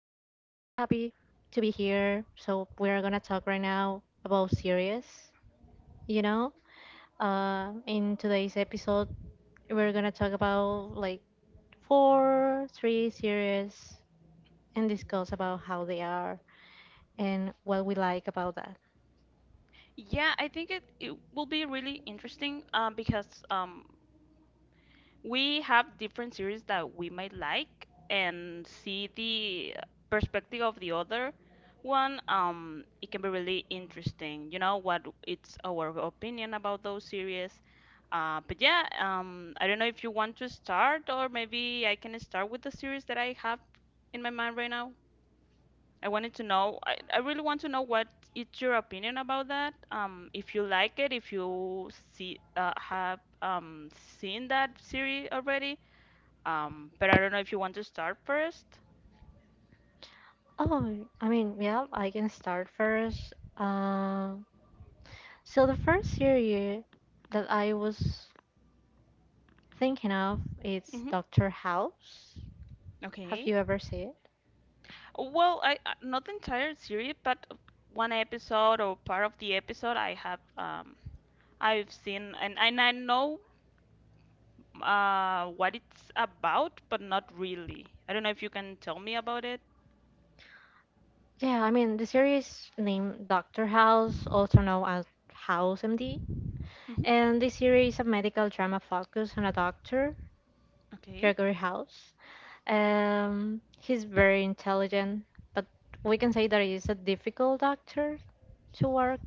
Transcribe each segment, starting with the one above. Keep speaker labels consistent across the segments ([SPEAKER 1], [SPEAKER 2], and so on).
[SPEAKER 1] happy to be here. So we are gonna talk right now about series, you know. In today's episode we're gonna talk about like four, three series and
[SPEAKER 2] Mhm.
[SPEAKER 1] discuss about how they are and what we like about that.
[SPEAKER 2] Yeah, I think it will be really interesting because we have different series that we might like and see the perspective of the other one. It can be really interesting, you know, what it's our opinion about those series. But yeah, I don't know if you want to start, or maybe I can start with the series that I have in my mind right now. I wanted to know, I really want to know what is your opinion about that. If you like it, if you see have seen that series already. But I don't know if you want to start 1st.
[SPEAKER 1] Oh, I mean, yeah, I can start first. So the first series that I was thinking of is
[SPEAKER 2] Mm-hmm.
[SPEAKER 1] Doctor House. Have
[SPEAKER 2] Okay.
[SPEAKER 1] you ever seen it?
[SPEAKER 2] Well, not the entire series, but one episode or part of the episode I have I've seen, and I know what it's about, but not really. I don't know if you can tell me about it.
[SPEAKER 1] Yeah, I mean, the series named Doctor House, also known as House MD,
[SPEAKER 2] Mm-hmm.
[SPEAKER 1] and this series is a medical drama focused on a doctor,
[SPEAKER 2] Okay.
[SPEAKER 1] Gregory House. He's very intelligent, but we can say that he's a difficult doctor to work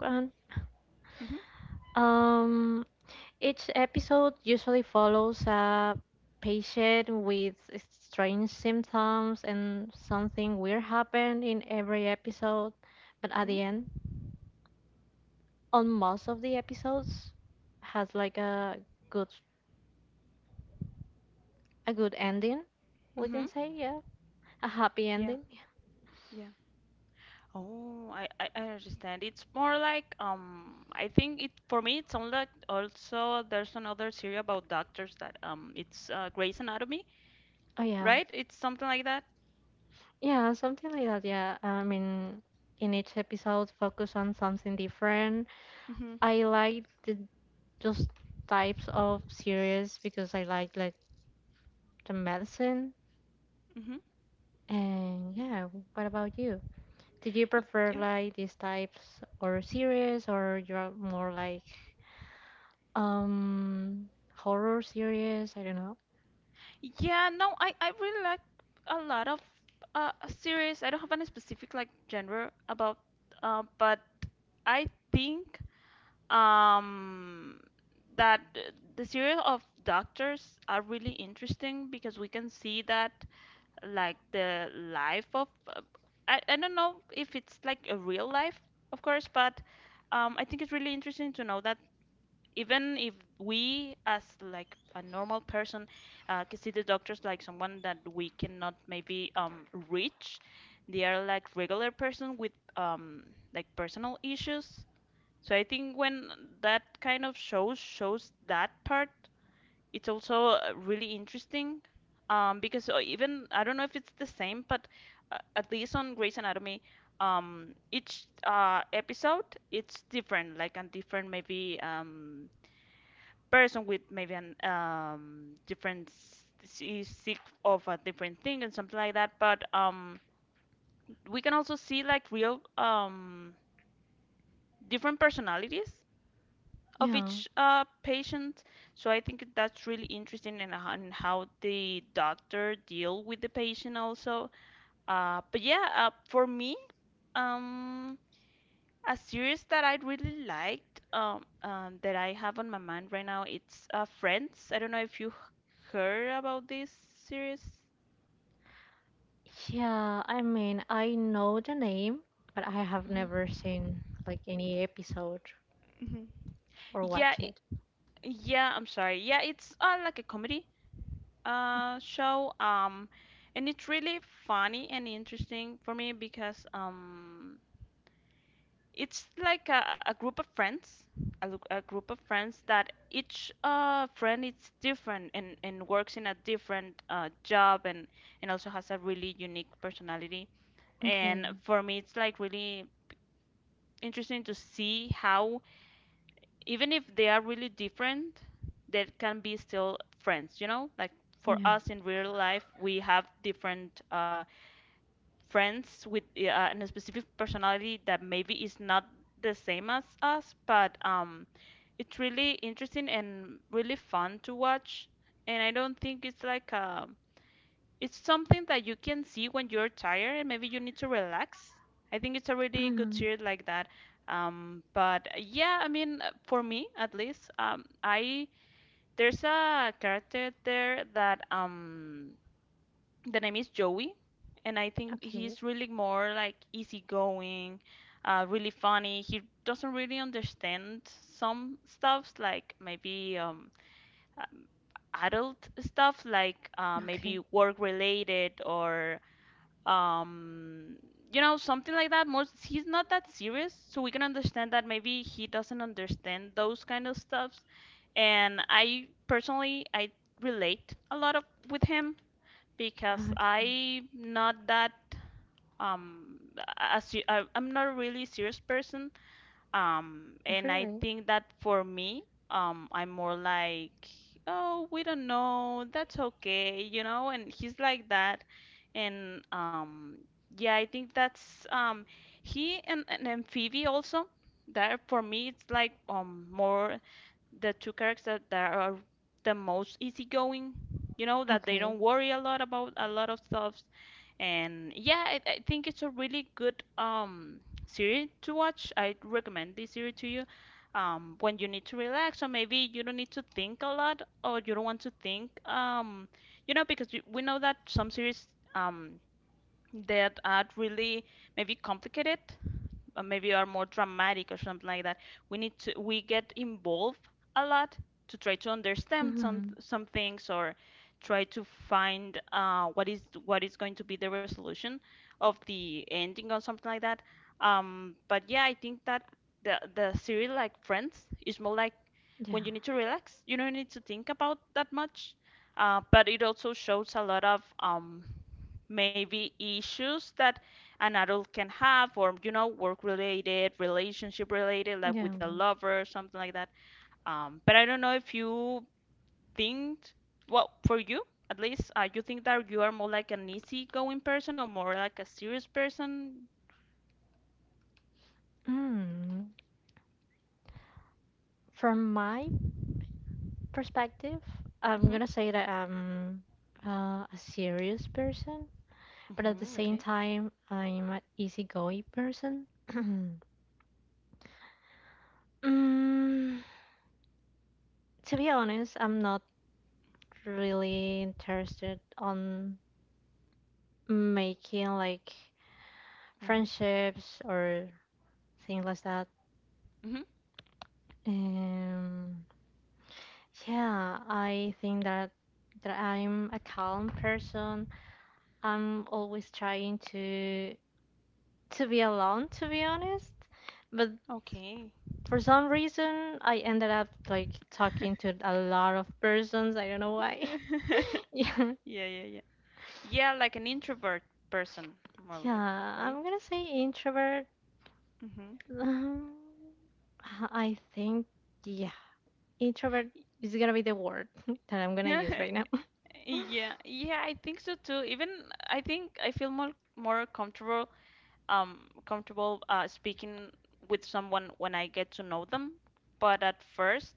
[SPEAKER 1] on.
[SPEAKER 2] Mm-hmm.
[SPEAKER 1] Um, Each episode usually follows a patient with strange symptoms and something weird happened in every episode. But at the end, on most of the episodes has like a good good ending, we can
[SPEAKER 2] Mm-hmm.
[SPEAKER 1] say, yeah. A happy
[SPEAKER 2] Yeah,
[SPEAKER 1] ending.
[SPEAKER 2] yeah. Oh, I understand. It's more like I think it for me it sounds like also there's another series about doctors, that it's Grey's Anatomy,
[SPEAKER 1] Oh yeah.
[SPEAKER 2] right? It's something like that.
[SPEAKER 1] Yeah, something like that, yeah. I mean in each episode focus on something different.
[SPEAKER 2] Mhm.
[SPEAKER 1] I like the just types of series because I like the medicine.
[SPEAKER 2] Mhm.
[SPEAKER 1] And yeah, what about you? Did you prefer
[SPEAKER 2] Yeah.
[SPEAKER 1] like these types or series or you're more like um horror series? I don't know.
[SPEAKER 2] Yeah, no, I really like a lot of series. I don't have any specific like genre about but I think um that the series of doctors are really interesting, because we can see that like the life of uh, I don't know if it's like a real life of course, but I think it's really interesting to know that even if we as like a normal person can see the doctors like someone that we cannot maybe reach, they are like regular person with um, like personal issues. So I think when that kind of shows shows that part, it's also really interesting, because even I don't know if it's the same, but at least on Grey's Anatomy, each episode it's different, like a different maybe person with maybe an different is sick of a different thing and something like that. But we can also see like real different personalities of
[SPEAKER 1] Yeah.
[SPEAKER 2] each patient. So I think that's really interesting, and how the doctor deal with the patient also. But yeah, for me, um, a series that I really liked that I have on my mind right now, it's Friends. I don't know if you heard about this series.
[SPEAKER 1] Yeah, I mean, I know the name, but I have
[SPEAKER 2] Mhm.
[SPEAKER 1] never seen like any episode
[SPEAKER 2] Mhm.
[SPEAKER 1] or
[SPEAKER 2] Yeah,
[SPEAKER 1] watch
[SPEAKER 2] it,
[SPEAKER 1] it.
[SPEAKER 2] yeah, I'm sorry. Yeah, it's like a comedy show, and it's really funny and interesting for me because it's like a group of friends, a group of friends that each friend is different, and works in a different job, and also has a really unique personality. And
[SPEAKER 1] Okay.
[SPEAKER 2] for me, it's like really interesting to see how even if they are really different, they can be still friends, you know? Like for
[SPEAKER 1] Yeah.
[SPEAKER 2] us in real life, we have different friends with a specific personality that maybe is not the same as us, but it's really interesting and really fun to watch. And I don't think it's like a it's something that you can see when you're tired and maybe you need to relax. I think it's a really good
[SPEAKER 1] Mm,
[SPEAKER 2] series like that. But yeah, I mean, for me at least, I there's a character there that the name is Joey, and I think
[SPEAKER 1] okay.
[SPEAKER 2] he's really more like easygoing, really funny. He doesn't really understand some stuffs, like maybe uh, adult stuff, like maybe
[SPEAKER 1] Okay.
[SPEAKER 2] work related or um you know something like that. More he's not that serious, so we can understand that maybe he doesn't understand those kind of stuffs. And I personally I relate a lot of with him, because
[SPEAKER 1] Okay.
[SPEAKER 2] I not that um a, I'm not a really serious person, and I
[SPEAKER 1] Really?
[SPEAKER 2] think that for me, I'm more like, oh, we don't know, that's okay, you know, and he's like that. And yeah, I think that's he, and Amphibia also. That for me, it's like more the two characters that are the most easygoing, you know, that they
[SPEAKER 1] Okay.
[SPEAKER 2] don't worry a lot about a lot of stuff. And yeah, I think it's a really good series to watch. I recommend this series to you when you need to relax, or maybe you don't need to think a lot, or you don't want to think, you know, because we know that some series um that are really maybe complicated, maybe are more dramatic or something like that. We need to we get involved a lot to try to understand some
[SPEAKER 1] Mm,
[SPEAKER 2] some things, or try to find what is going to be the resolution of the ending or something like that. But yeah, I think that the series like Friends is more like
[SPEAKER 1] yeah.
[SPEAKER 2] when you need to relax, you don't need to think about that much. But it also shows a lot of maybe issues that an adult can have, or you know work related, relationship related, like
[SPEAKER 1] Yeah.
[SPEAKER 2] with a lover or something like that, but I don't know if you think well for you at least, you think that you are more like an easygoing person or more like a serious person.
[SPEAKER 1] Mm. From my perspective, I'm
[SPEAKER 2] Hmm.
[SPEAKER 1] gonna say that I'm a serious person, but at the
[SPEAKER 2] Mm-hmm.
[SPEAKER 1] same
[SPEAKER 2] Okay.
[SPEAKER 1] time, I'm an easygoing person. mm, to be honest, I'm not really interested on making like
[SPEAKER 2] Mm-hmm.
[SPEAKER 1] friendships or things like that.
[SPEAKER 2] Hmm.
[SPEAKER 1] Um, yeah, I think that I'm a calm person. I'm always trying to be alone, to be honest. But
[SPEAKER 2] Okay.
[SPEAKER 1] for some reason, I ended up like talking to a lot of persons. I don't know why. Yeah,
[SPEAKER 2] Yeah, yeah, yeah, yeah, like an introvert person, more like
[SPEAKER 1] yeah,
[SPEAKER 2] right.
[SPEAKER 1] I'm gonna say introvert.
[SPEAKER 2] Hmm.
[SPEAKER 1] Um, I think, yeah, introvert is gonna be the word that I'm gonna use right now.
[SPEAKER 2] Yeah, yeah, I think so too. Even I think I feel more more comfortable comfortable speaking with someone when I get to know them. But at first,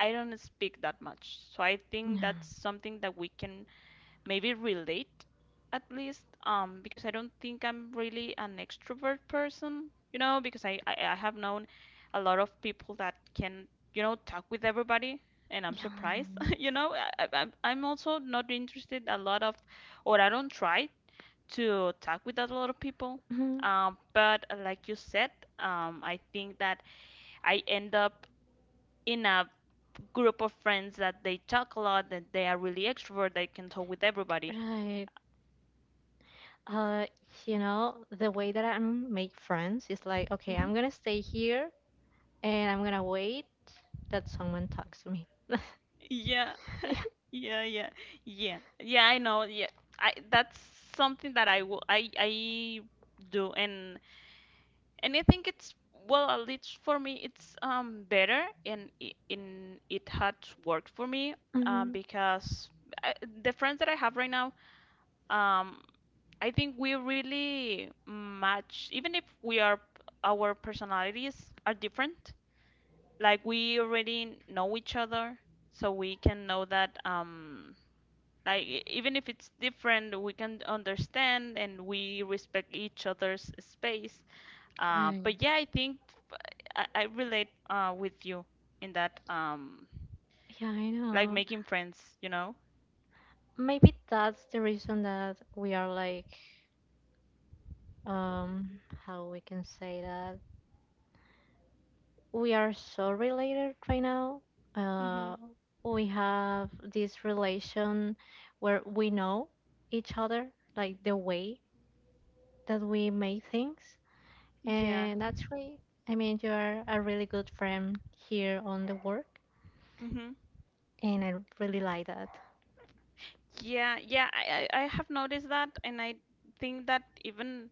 [SPEAKER 2] I don't speak that much. So I think
[SPEAKER 1] Yeah,
[SPEAKER 2] that's something that we can maybe relate at least, because I don't think I'm really an extrovert person, you know, because I have known a lot of people that can, you know, talk with everybody, and I'm
[SPEAKER 1] yeah.
[SPEAKER 2] surprised, you know, I'm also not interested a lot of or I don't try to talk with a lot of people.
[SPEAKER 1] Mhm.
[SPEAKER 2] But like you said, I think that I end up in a group of friends that they talk a lot, that they are really extrovert, they can talk with everybody.
[SPEAKER 1] Right. Uh, the way that I make friends is like, okay,
[SPEAKER 2] Mm-hmm.
[SPEAKER 1] I'm gonna stay here and I'm gonna wait that someone talks to me.
[SPEAKER 2] Yeah, yeah, yeah, yeah, yeah. I know. Yeah, I that's something that I do, and I think it's well at least for me it's better, and in it had worked for me
[SPEAKER 1] Mhm.
[SPEAKER 2] because I, the friends that I have right now um I think we really match, even if we are our personalities are different, like we already know each other, so we can know that like even if it's different, we can understand and we respect each other's space.
[SPEAKER 1] Right.
[SPEAKER 2] But yeah, I think I relate with you in that
[SPEAKER 1] Yeah, I
[SPEAKER 2] like
[SPEAKER 1] know.
[SPEAKER 2] making friends, you know?
[SPEAKER 1] Maybe that's the reason that we are like, um, how we can say that we are so related right now.
[SPEAKER 2] Hmm.
[SPEAKER 1] Uh, we have this relation where we know each other, like the way that we make things,
[SPEAKER 2] Yeah.
[SPEAKER 1] and that's really, I mean, you are a really good friend here on the work,
[SPEAKER 2] Hmm.
[SPEAKER 1] and I really like that.
[SPEAKER 2] Yeah, yeah, I have noticed that, and I think that even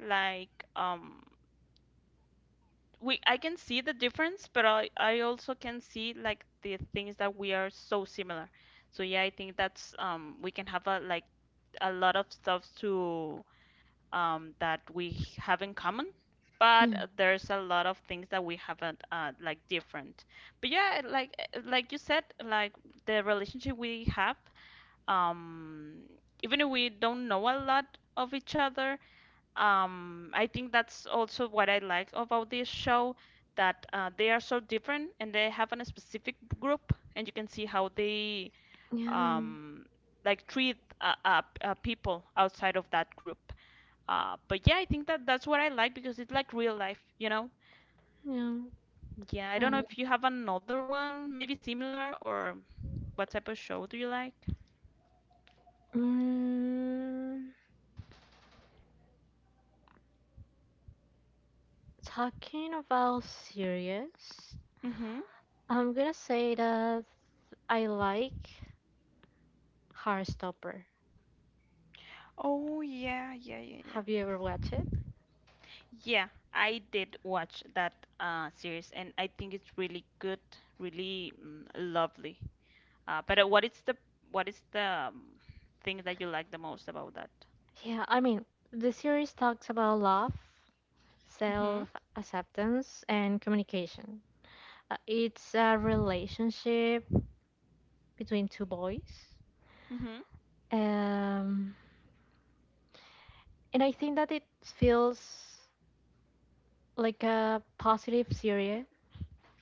[SPEAKER 2] like we I can see the difference, but I also can see like the things that we are so similar. So yeah, I think that's we can have a like a lot of stuff to that we have in common, but there's a lot of things that we haven't like different. But yeah, like like you said, like the relationship we have, um, even if we don't know a lot of each other, I think that's also what I like about this show. That they are so different and they have a specific group, and you can see how they
[SPEAKER 1] Yeah,
[SPEAKER 2] um, like treat people outside of that group. But yeah, I think that that's what I like, because it's like real life, you know?
[SPEAKER 1] yeah,
[SPEAKER 2] Yeah, I don't know
[SPEAKER 1] right.
[SPEAKER 2] if you have another one, maybe similar, or what type of show do you like?
[SPEAKER 1] Mm, Talking about series,
[SPEAKER 2] Mm-hmm.
[SPEAKER 1] I'm gonna say that I like Heartstopper.
[SPEAKER 2] Oh yeah, yeah, yeah, yeah.
[SPEAKER 1] Have you ever watched it?
[SPEAKER 2] Yeah, I did watch that series, and I think it's really good, really lovely. But what is the thing that you like the most about that?
[SPEAKER 1] Yeah, I mean, the series talks about love,
[SPEAKER 2] Mm-hmm.
[SPEAKER 1] self-acceptance, and communication. It's a relationship between two boys. Um, and I think that it feels like a positive series.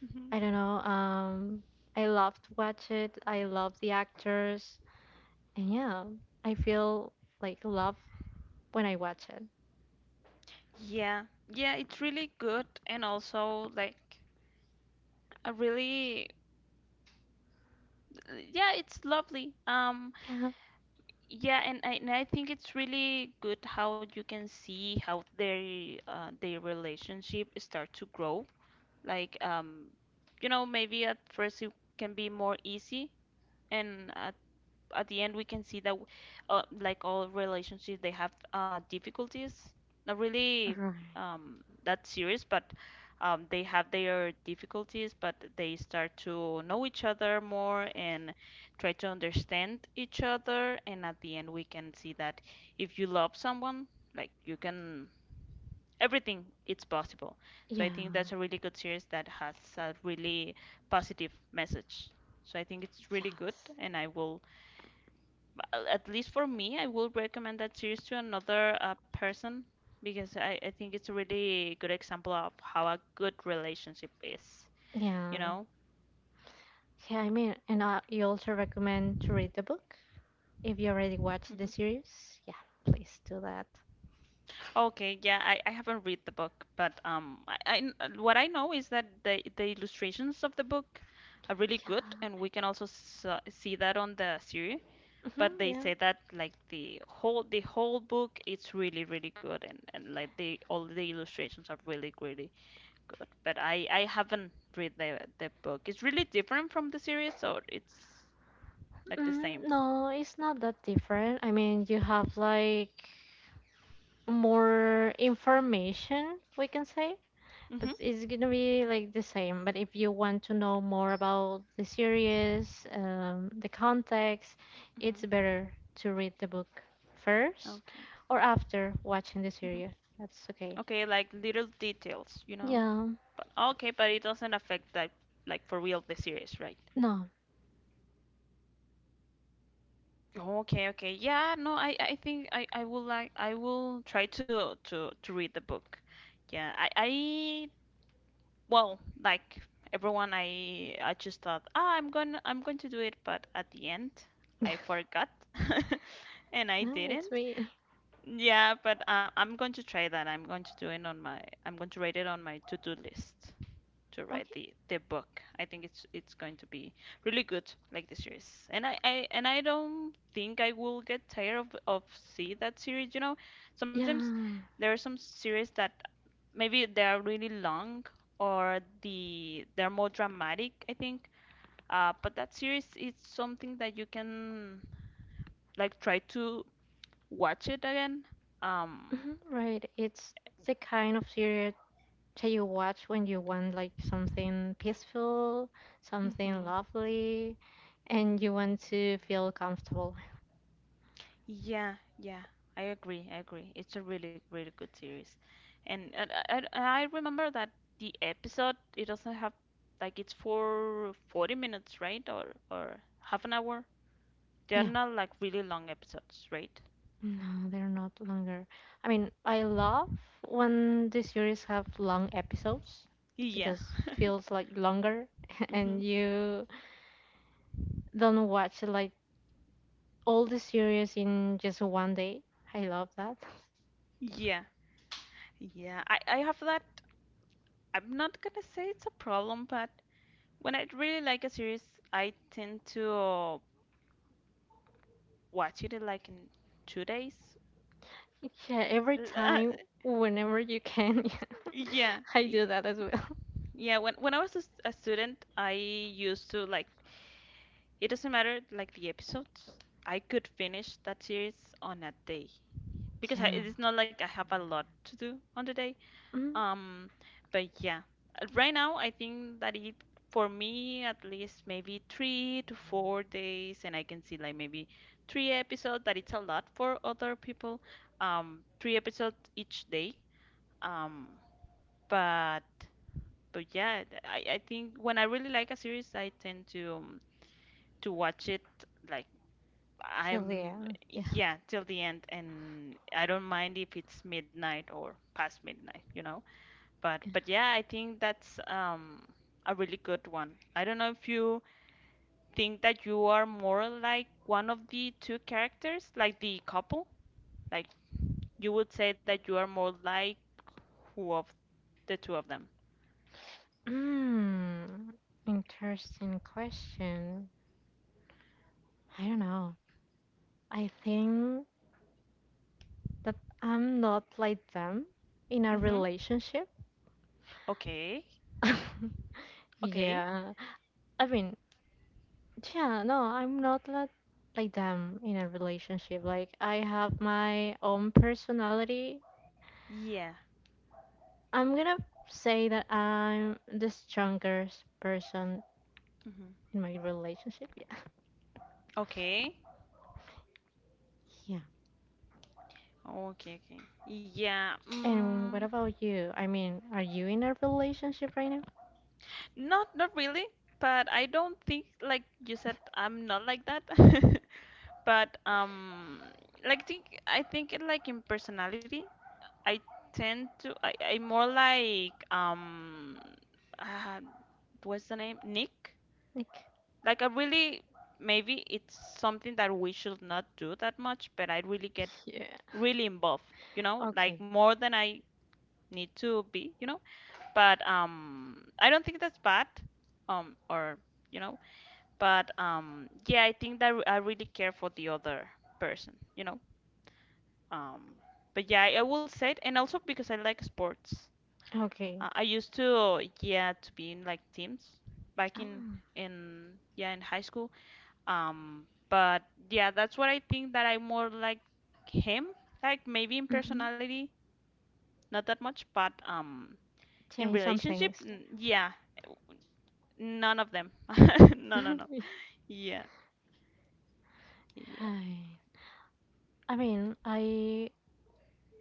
[SPEAKER 2] Mm-hmm.
[SPEAKER 1] I don't know. I love to watch it. I love the actors, and yeah, I feel like love when I watch it.
[SPEAKER 2] Yeah, yeah, it's really good and also like a really yeah, it's lovely.
[SPEAKER 1] Yeah,
[SPEAKER 2] Yeah, and I think it's really good how you can see how their relationship start to grow. Like um maybe at first it can be more easy and at the end we can see that like all relationships they have difficulties. not really
[SPEAKER 1] right.
[SPEAKER 2] um, that serious, but they have their difficulties, but they start to know each other more and try to understand each other, and at the end we can see that if you love someone, like, you can, everything it's possible. So
[SPEAKER 1] Yeah,
[SPEAKER 2] I think that's a really good series that has a really positive message, so I think it's really good.
[SPEAKER 1] yes,
[SPEAKER 2] And I will at least for me, I would recommend that series to another person, because I think it's a really good example of how a good relationship is,
[SPEAKER 1] yeah.
[SPEAKER 2] you know?
[SPEAKER 1] Yeah, I mean, and you also recommend to read the book if you already watched the
[SPEAKER 2] Mhm.
[SPEAKER 1] series. Yeah, please do that.
[SPEAKER 2] Okay, yeah, I haven't read the book, but I what I know is that the illustrations of the book are really good, and
[SPEAKER 1] Yeah,
[SPEAKER 2] we can also s see that on the series. But
[SPEAKER 1] hmm,
[SPEAKER 2] they
[SPEAKER 1] yeah.
[SPEAKER 2] say that, like, the whole book it's really really good, and, like the all the illustrations are really really good, but I haven't read the book. It's really different from the series, or it's like the same.
[SPEAKER 1] Mm, no, it's not that different. I mean, you have like more information, we can say.
[SPEAKER 2] Mhm.
[SPEAKER 1] It's gonna be like the same, but if you want to know more about the series, the context, it's
[SPEAKER 2] Mhm.
[SPEAKER 1] better to read the book first
[SPEAKER 2] Okay.
[SPEAKER 1] or after watching the
[SPEAKER 2] Mhm.
[SPEAKER 1] series. That's okay.
[SPEAKER 2] Okay, like little details, you know.
[SPEAKER 1] Yeah.
[SPEAKER 2] But okay, but it doesn't affect like for real, the series, right?
[SPEAKER 1] No.
[SPEAKER 2] Okay, okay. Yeah, no, I think I will, like, I will try to to read the book. Yeah, I well, like everyone, I just thought, ah, I'm going to do it, but at the end, I forgot, and I
[SPEAKER 1] No, it's
[SPEAKER 2] didn't.
[SPEAKER 1] me.
[SPEAKER 2] Yeah, but I'm going to try that. I'm going to do it on my, I'm going to write it on my to-do list to write
[SPEAKER 1] Okay.
[SPEAKER 2] the book. I think it's going to be really good, like the series. And I don't think I will get tired of see that series. You know, sometimes
[SPEAKER 1] Yeah.
[SPEAKER 2] there are some series that maybe they are really long or they're more dramatic, I think. But that series is something that you can, like, try to watch it again. Um,
[SPEAKER 1] Mhm, right. It's the kind of series that you watch when you want like something peaceful, something
[SPEAKER 2] mhm.
[SPEAKER 1] lovely, and you want to feel comfortable.
[SPEAKER 2] Yeah, yeah, I agree. I agree. It's a really, really good series, and and I remember that the episode, it doesn't have like, it's for 40 minutes, right? Or half an hour. They're
[SPEAKER 1] Yeah.
[SPEAKER 2] not like really long episodes, right?
[SPEAKER 1] No, they're not longer. I mean, I love when the series have long episodes
[SPEAKER 2] Yeah.
[SPEAKER 1] because it feels like longer and
[SPEAKER 2] hmm
[SPEAKER 1] you don't watch like all the series in just one day. I love that.
[SPEAKER 2] Yeah, yeah, I have that. I'm not gonna say it's a problem, but when I really like a series, I tend to watch it in, like, in 2 days.
[SPEAKER 1] Yeah, every
[SPEAKER 2] L- uh,
[SPEAKER 1] time, whenever you can.
[SPEAKER 2] yeah,
[SPEAKER 1] Yeah. I
[SPEAKER 2] y-
[SPEAKER 1] do that as well.
[SPEAKER 2] yeah. When I was a, a student, I used to, like, it doesn't matter like the episodes. I could finish that series on a day because
[SPEAKER 1] Yeah.
[SPEAKER 2] it's not like I have a lot to do on the day.
[SPEAKER 1] Mm,
[SPEAKER 2] Um, but yeah, right now I think that it, for me at least, maybe 3 to 4 days, and I can see like maybe three episodes. That it's a lot for other people. Three episodes each day. Um, but but yeah, I think when I really like a series, I tend to watch it like
[SPEAKER 1] till the
[SPEAKER 2] I'm
[SPEAKER 1] end. Yeah.
[SPEAKER 2] yeah till the end, and I don't mind if it's midnight or past midnight, you know. But yeah, I think that's a really good one. I don't know if you think that you are more like one of the two characters, like the couple. Like, you would say that you are more like who of the two of them.
[SPEAKER 1] Mm, Interesting question. I don't know. I think that I'm not like them in a
[SPEAKER 2] Mm-hmm.
[SPEAKER 1] relationship.
[SPEAKER 2] Okay. Okay.
[SPEAKER 1] Yeah. I mean, yeah, no, I'm not like them in a relationship. Like I have my own personality.
[SPEAKER 2] Yeah.
[SPEAKER 1] I'm gonna say that I'm the strongest person
[SPEAKER 2] Mm-hmm.
[SPEAKER 1] in my relationship. Yeah.
[SPEAKER 2] Okay.
[SPEAKER 1] Yeah.
[SPEAKER 2] Okay, okay. Yeah.
[SPEAKER 1] And what
[SPEAKER 2] Mm,
[SPEAKER 1] about you? I mean, are you in a relationship right now?
[SPEAKER 2] not not really, but I don't think, like you said, I'm not like that. But like think I think it like in personality I tend to I more like uh, what's the name, Nick,
[SPEAKER 1] Like,
[SPEAKER 2] like I really, maybe it's something that we should not do that much, but I really get
[SPEAKER 1] yeah.
[SPEAKER 2] really involved, you know, like
[SPEAKER 1] Okay.
[SPEAKER 2] more than I need to be, you know, but I don't think that's bad, or, you know, but yeah, I think that I really care for the other person, you know. Um, but yeah, I will say it, and also because I like sports.
[SPEAKER 1] Okay.
[SPEAKER 2] I used to, yeah, to be in like teams back in
[SPEAKER 1] Ah.
[SPEAKER 2] in yeah, in high school. But yeah, that's what I think that I more like him. Like maybe in
[SPEAKER 1] Hmm.
[SPEAKER 2] personality, not that much, but
[SPEAKER 1] Yeah,
[SPEAKER 2] in
[SPEAKER 1] in some
[SPEAKER 2] relationship,
[SPEAKER 1] things.
[SPEAKER 2] yeah, none of them. No, no, no. Yeah, yeah.
[SPEAKER 1] Hi. I mean, I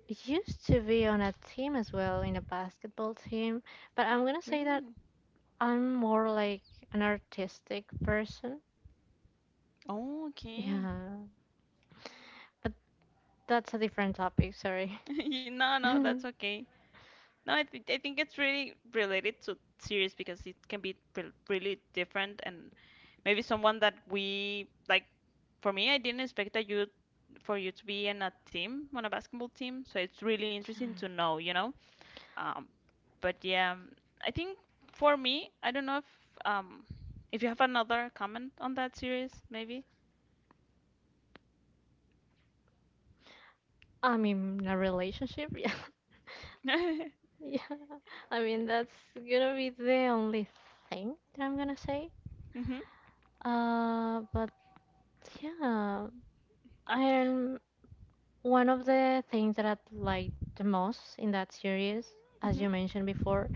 [SPEAKER 1] used to be on a team as well, in a basketball team, but I'm gonna say that
[SPEAKER 2] Really?
[SPEAKER 1] I'm more like an artistic person.
[SPEAKER 2] Oh, okay.
[SPEAKER 1] Yeah, but that's a different topic, sorry.
[SPEAKER 2] No, no, that's
[SPEAKER 1] I'm
[SPEAKER 2] okay. No, I think it's really related to series, because it can be re really different, and maybe someone that we like. For me, I didn't expect that you for you to be in a team, on a basketball team, so it's really interesting to know, you know. Um, but yeah, I think for me, I don't know um if you have another comment on that series, maybe.
[SPEAKER 1] in a relationship, yeah. Yeah. I mean, that's gonna be the only thing that I'm gonna say.
[SPEAKER 2] Mhm,
[SPEAKER 1] But yeah, I am one of the things that I liked the most in that series, as
[SPEAKER 2] mhm,
[SPEAKER 1] you mentioned before,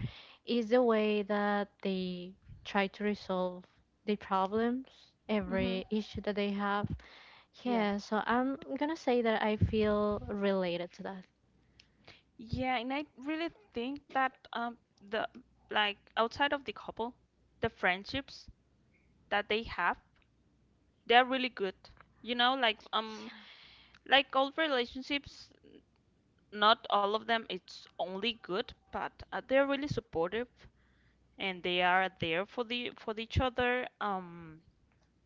[SPEAKER 1] is the way that they try to resolve the problems,
[SPEAKER 2] mhm.
[SPEAKER 1] every issue that they have.
[SPEAKER 2] Yeah.
[SPEAKER 1] Yeah, so I'm gonna say that I feel related to that.
[SPEAKER 2] Yeah, and I really think that the, like, outside of the couple, the friendships that they have, they're really good. You know, like all relationships, not all of them it's only good, but they're really supportive, and they are there for the for each other.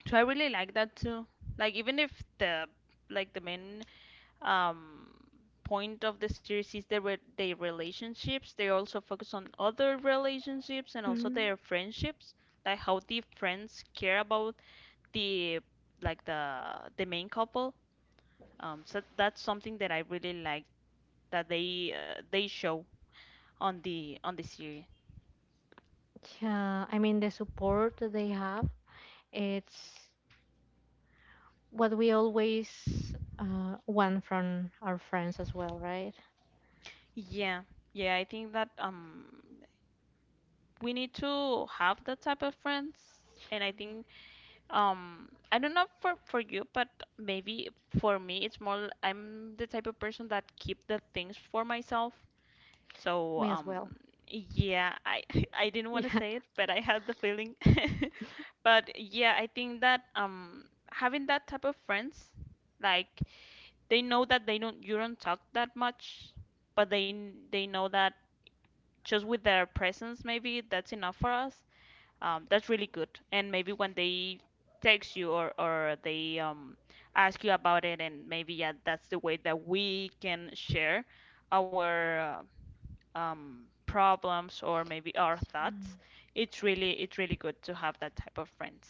[SPEAKER 2] So I really like that too. Like, even if the, like, the main um, point of the series is their their relationships. They also focus on other relationships and also
[SPEAKER 1] Mm,
[SPEAKER 2] their friendships, like how the friends care about the, like, the main couple. So that's something that I really like that they show on the series.
[SPEAKER 1] yeah, I mean, the support that they have, it's what we always want from our friends as well, right?
[SPEAKER 2] Yeah, yeah, I think that we need to have that type of friends, and I think, um, I don't know for you, but maybe for me it's more I'm the type of person that keep the things for myself. So,
[SPEAKER 1] Me as well.
[SPEAKER 2] yeah, I I didn't want to
[SPEAKER 1] Yeah.
[SPEAKER 2] say it, but I had the feeling. But yeah, I think that having that type of friends, like, they know that they don't, you don't talk that much, but they know that just with their presence, maybe that's enough for us. That's really good. And maybe when they text you or they ask you about it, and maybe yeah, that's the way that we can share our problems or maybe our
[SPEAKER 1] Mm.
[SPEAKER 2] thoughts. It's really, it's really good to have that type of friends.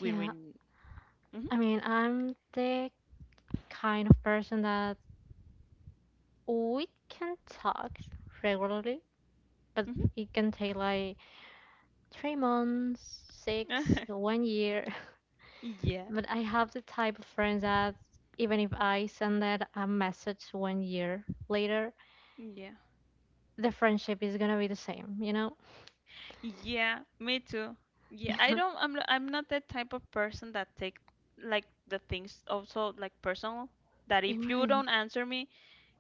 [SPEAKER 2] We
[SPEAKER 1] Yeah,
[SPEAKER 2] hmm
[SPEAKER 1] I mean, I'm the kind of person that we can talk regularly, but
[SPEAKER 2] hmm
[SPEAKER 1] it can take like 3 months, six, one year.
[SPEAKER 2] Yeah.
[SPEAKER 1] But I have the type of friends that even if I send that a message one year later,
[SPEAKER 2] Yeah.
[SPEAKER 1] the friendship is gonna be the same, you know?
[SPEAKER 2] Yeah, me too. Yeah, I don't, I'm not that type of person that take like the things also like personal, that if you
[SPEAKER 1] Imagine.
[SPEAKER 2] don't answer me,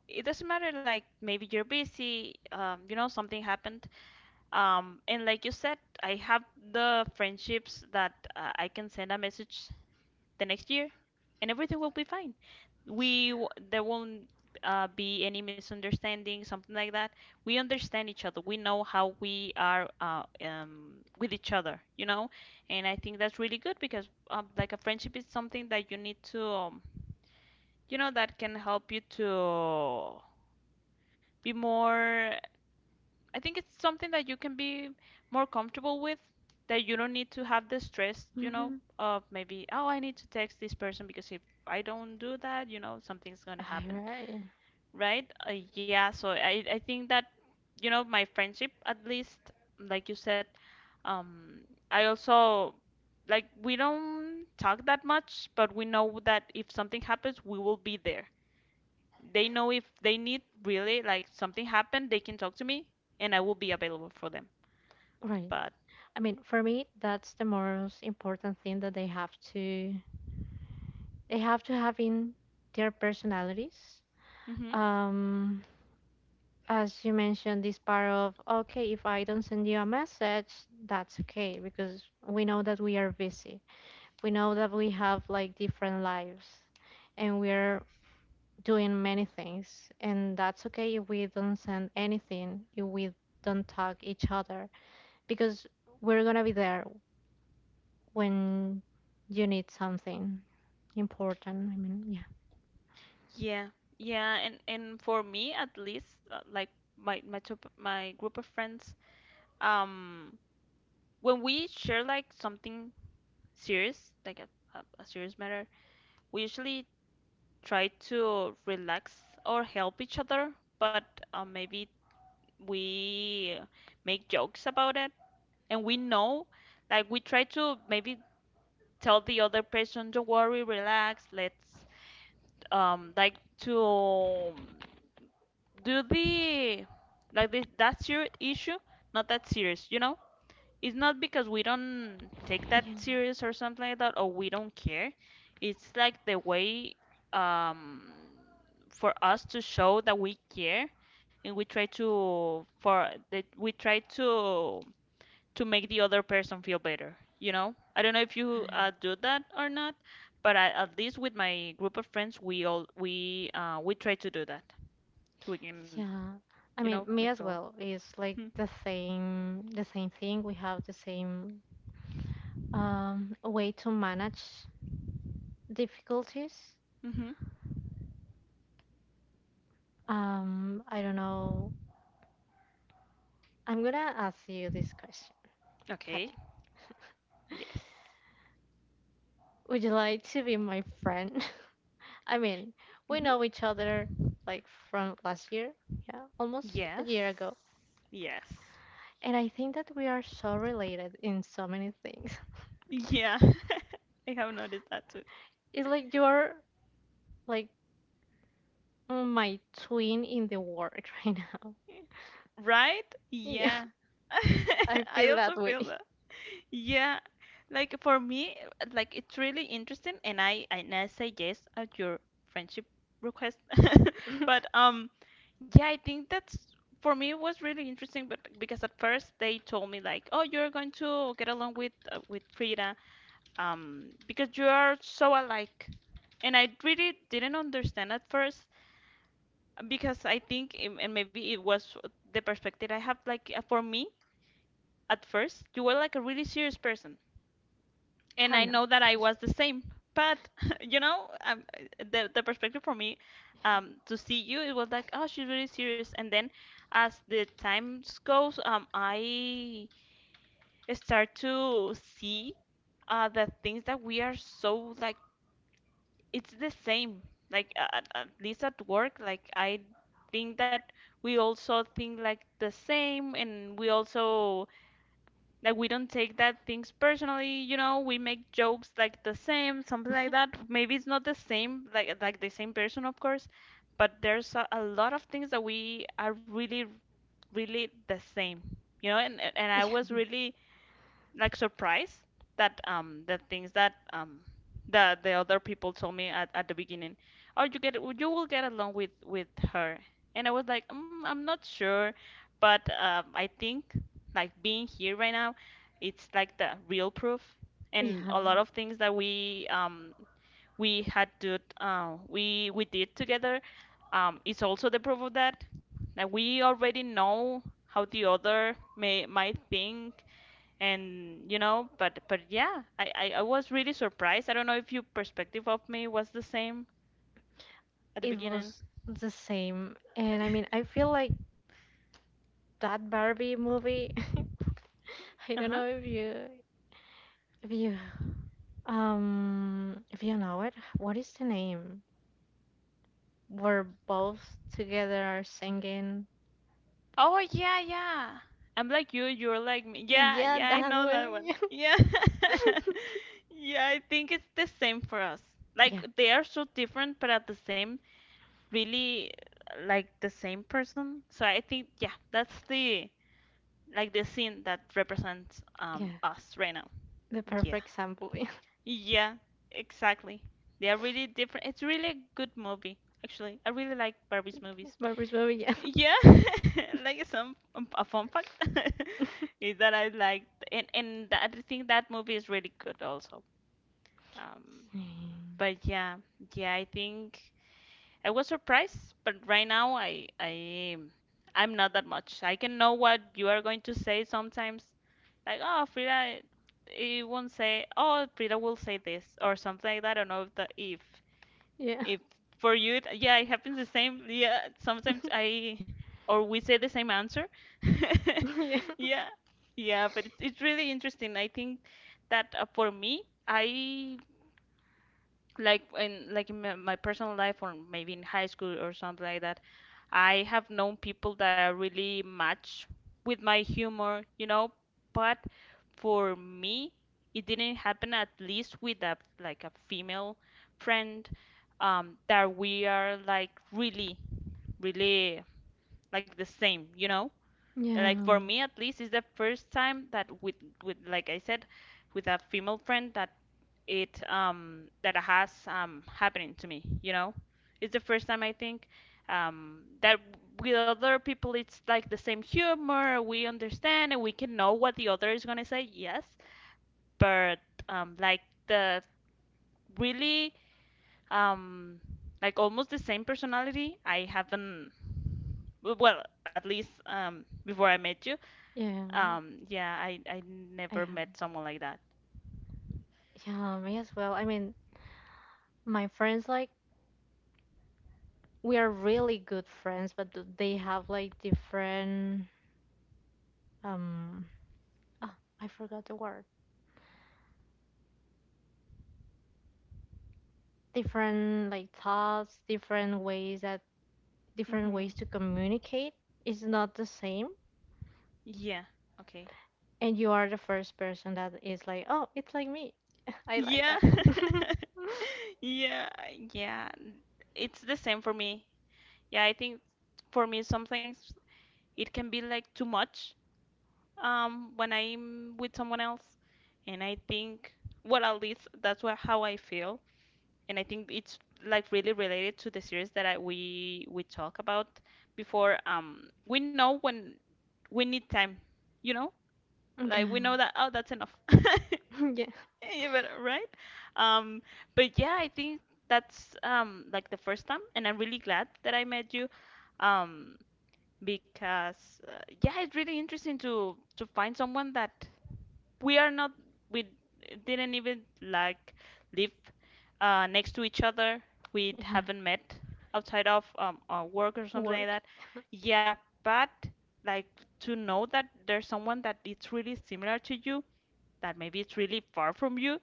[SPEAKER 2] it doesn't matter, like, maybe you're busy, you know, something happened, and like you said, I have the friendships that I can send a message the next year and everything will be fine. We there won't be any misunderstanding, something like that. We understand each other, we know how we are with each other, you know. And I think that's really good because, like, a friendship is something that you need to, you know, that can help you to be more, I think it's something that you can be more comfortable with, that you don't need to have the stress, you know,
[SPEAKER 1] Mm-hmm.
[SPEAKER 2] of maybe, oh, I need to text this person, because if I don't do that, you know, something's going to
[SPEAKER 1] All
[SPEAKER 2] happen,
[SPEAKER 1] right.
[SPEAKER 2] right? Yeah, so I think that, you know, my friendship at least, like you said, um, I also, like, we don't talk that much, but we know that if something happens, we will be there. They know if they need, really, like, something happened, they can talk to me, and I will be available for them.
[SPEAKER 1] Right.
[SPEAKER 2] But
[SPEAKER 1] I mean, for me, that's the most important thing that they have to have in their personalities.
[SPEAKER 2] mhm.
[SPEAKER 1] Um, as you mentioned, this part of okay, if I don't send you a message, that's okay because we know that we are busy. We know that we have like different lives and we're doing many things, and that's okay if we don't send anything, if we don't talk each other because we're gonna be there when you need something important. I mean, yeah.
[SPEAKER 2] Yeah, yeah, and for me at least, like, my top, my group of friends, um, when we share like something serious, like a, a serious matter, we usually try to relax or help each other, but maybe we make jokes about it, and we know, like, we try to maybe tell the other person, don't worry, relax, let's like to do the, like, this that serious issue, not that serious, you know. It's not because we don't take that serious or something like that, or we don't care. It's like the way um for us to show that we care, and we try to for that, we try to make the other person feel better, you know. I don't know if you
[SPEAKER 1] Right.
[SPEAKER 2] do that or not, but I, at least with my group of friends, we all, we try to do that to, you
[SPEAKER 1] Yeah, I
[SPEAKER 2] know,
[SPEAKER 1] mean, me as
[SPEAKER 2] McVille.
[SPEAKER 1] well. It's like the same thing. We have the same way to manage difficulties.
[SPEAKER 2] Mm-hmm.
[SPEAKER 1] I don't know. I'm gonna ask you this question,
[SPEAKER 2] Okay.
[SPEAKER 1] Fatih.
[SPEAKER 2] Yes.
[SPEAKER 1] Would you like to be my friend? I mean, we
[SPEAKER 2] Mm-hmm.
[SPEAKER 1] know each other like from last year, yeah, almost
[SPEAKER 2] Yes.
[SPEAKER 1] a year ago,
[SPEAKER 2] Yes.
[SPEAKER 1] and I think that we are so related in so many things.
[SPEAKER 2] Yeah. I have noticed that too.
[SPEAKER 1] It's like you're like my twin in the world right now.
[SPEAKER 2] Right?
[SPEAKER 1] Yeah,
[SPEAKER 2] Yeah.
[SPEAKER 1] I
[SPEAKER 2] I
[SPEAKER 1] feel that
[SPEAKER 2] also
[SPEAKER 1] way.
[SPEAKER 2] feel that. Yeah. Like for me, like, it's really interesting, and I say yes at your friendship request. But yeah, I think that's for me it was really interesting, but because at first they told me like, "Oh, you're going to get along with Frida, because you are so alike." And I really didn't understand at first, because I think, and maybe it was the perspective I have, like for me at first, you were like a really serious person. And I
[SPEAKER 1] Kind of.
[SPEAKER 2] know that I was the same. But, you know, um, the perspective for me, to see you, it was like, oh, she's really serious. And then as the times goes, I start to see the things that we are so like, it's the same, like at least at work. Like I think that we also think like the same, and we also, like, we don't take that things personally. We make jokes like the same, something like that. Maybe it's not the same, like the same person of course. But there's a lot of things that we are really really the same. And I was really like surprised that the things that the other people told me at the beginning, oh, you will get along with her. And I was like, I'm not sure. But I think, like being here right now, it's like the real proof. And
[SPEAKER 1] Yeah,
[SPEAKER 2] a lot of things that we, we had to we did together, is also the proof of that. Like we already know how the other may might think. And but yeah, I was really surprised. I don't know if your perspective of me was the same at the
[SPEAKER 1] it
[SPEAKER 2] beginning.
[SPEAKER 1] was the same. And I mean, I feel like that Barbie movie. I don't know
[SPEAKER 2] Uh-huh.
[SPEAKER 1] if you if you know it. What is the name? Where both together are singing.
[SPEAKER 2] Oh yeah, yeah. I'm like, you're like me. Yeah,
[SPEAKER 1] Yeah,
[SPEAKER 2] yeah, I
[SPEAKER 1] that
[SPEAKER 2] know
[SPEAKER 1] one.
[SPEAKER 2] that one. Yeah. Yeah, I think it's the same for us.
[SPEAKER 1] Yeah. Yeah,
[SPEAKER 2] Like they are so different, but at the same, really, like the same person. So I think, yeah, that's the like the scene that represents,
[SPEAKER 1] yeah.
[SPEAKER 2] us right now.
[SPEAKER 1] The
[SPEAKER 2] Yeah.
[SPEAKER 1] perfect sample. Yeah.
[SPEAKER 2] Yeah, exactly. They are really different. It's really a good movie, actually. I really like Barbie's movies.
[SPEAKER 1] Barbie's movie, yeah.
[SPEAKER 2] Yeah, like some a fun fact is that I like and I think that movie is really good also. Um, but yeah, yeah, I think I was surprised, but right now I'm not that much. I can know what you are going to say sometimes, like, oh Frida, it won't say, oh Frida will say this, or something like that. I don't know if the,
[SPEAKER 1] Yeah. Yeah.
[SPEAKER 2] if for you it, yeah, it happens the same. Yeah, sometimes I, or we say the same answer.
[SPEAKER 1] Yeah.
[SPEAKER 2] Yeah, yeah. But it's really interesting. I think that for me I, like in, my personal life, or maybe in high school or something like that, I have known people that are really match with my humor, but for me it didn't happen, at least with a, like a female friend, that we are like really, really like the same, you know? Like for
[SPEAKER 1] Yeah.
[SPEAKER 2] me at least, it's the first time that with, like I said, with a female friend, that it, that has happening to me. You know, it's the first time I think, that with other people it's like the same humor. We understand and we can know what the other is gonna say. Yes, but like the really, um, like almost the same personality. I haven't. Well, at least before I met you,
[SPEAKER 1] Yeah.
[SPEAKER 2] yeah, I
[SPEAKER 1] I
[SPEAKER 2] never met someone like that.
[SPEAKER 1] Yeah, me as well. I mean, my friends like we are really good friends, but they have like different um oh, I forgot the word. Different like thoughts, different ways
[SPEAKER 2] Mhm.
[SPEAKER 1] to communicate is not the same.
[SPEAKER 2] Yeah. Okay.
[SPEAKER 1] And you are the first person that is like, "Oh, it's like me. I like
[SPEAKER 2] Yeah.
[SPEAKER 1] that."
[SPEAKER 2] Yeah, yeah. It's the same for me. Yeah, I think for me some things it can be like too much, when I'm with someone else, and I think, well, at least that's what how I feel. And I think it's like really related to the series that I we talk about before, we know when we need time, you know? Like we
[SPEAKER 1] Yeah.
[SPEAKER 2] know that, oh, that's enough.
[SPEAKER 1] Yeah.
[SPEAKER 2] Yeah, but right. Um, but yeah, I think that's, like the first time, and I'm really glad that I met you. Um, because yeah, it's really interesting to find someone that we are not, we didn't even like live next to each other. We
[SPEAKER 1] Yeah.
[SPEAKER 2] haven't met outside of work or something like
[SPEAKER 1] Work
[SPEAKER 2] that. Yeah, but, like, to know that there's someone that it's really similar to you, that maybe it's really far from you,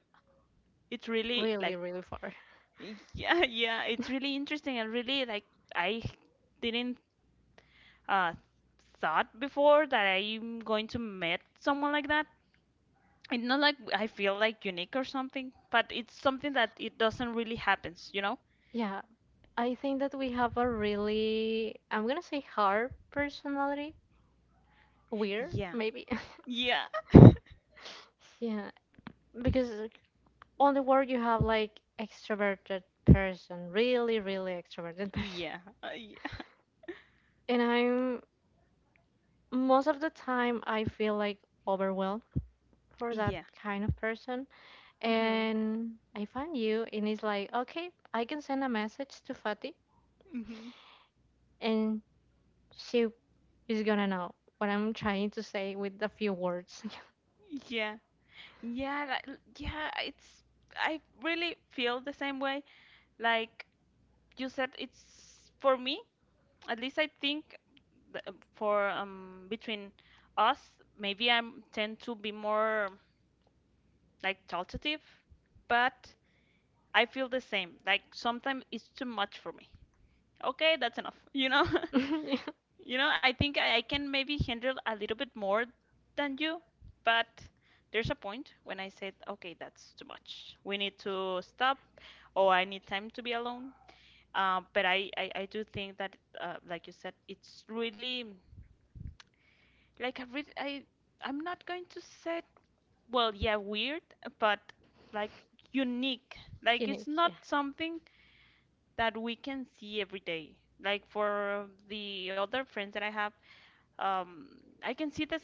[SPEAKER 2] it's really
[SPEAKER 1] really,
[SPEAKER 2] like,
[SPEAKER 1] really far.
[SPEAKER 2] yeah, yeah, it's really interesting and really like, I didn't uh thought before that I'm going to meet someone like that. It's not like I feel like unique or something, but it's something that it doesn't really happens, you know?
[SPEAKER 1] Yeah, I think that we have a really, I'm gonna say hard personality, weird
[SPEAKER 2] Yeah.
[SPEAKER 1] maybe.
[SPEAKER 2] Yeah.
[SPEAKER 1] Yeah, because like, on the world you have like extroverted person, really, really extroverted person.
[SPEAKER 2] Yeah. Yeah.
[SPEAKER 1] And I'm most of the time I feel like overwhelmed for that
[SPEAKER 2] Yeah.
[SPEAKER 1] kind of person.
[SPEAKER 2] Mhm.
[SPEAKER 1] And I find you and it's like, okay, I can send a message to Fatih
[SPEAKER 2] Mhm.
[SPEAKER 1] and she is gonna know what I'm trying to say with a few words.
[SPEAKER 2] Yeah. Yeah, like, yeah, it's I really feel the same way. Like you said, it's for me at least, I think for, between us, maybe I tend to be more like talkative, but I feel the same. Like sometimes it's too much for me. Okay, that's enough. You know. You know. I think I can maybe handle a little bit more than you, but there's a point when I said, okay, that's too much. We need to stop, or I need time to be alone. But I do think that, like you said, it's really, like, I really I I'm not going to say, well, yeah, weird, but, like, unique, like, it's
[SPEAKER 1] Unique,
[SPEAKER 2] not
[SPEAKER 1] yeah.
[SPEAKER 2] something that we can see every day. Like, for the other friends that I have, um I can see this,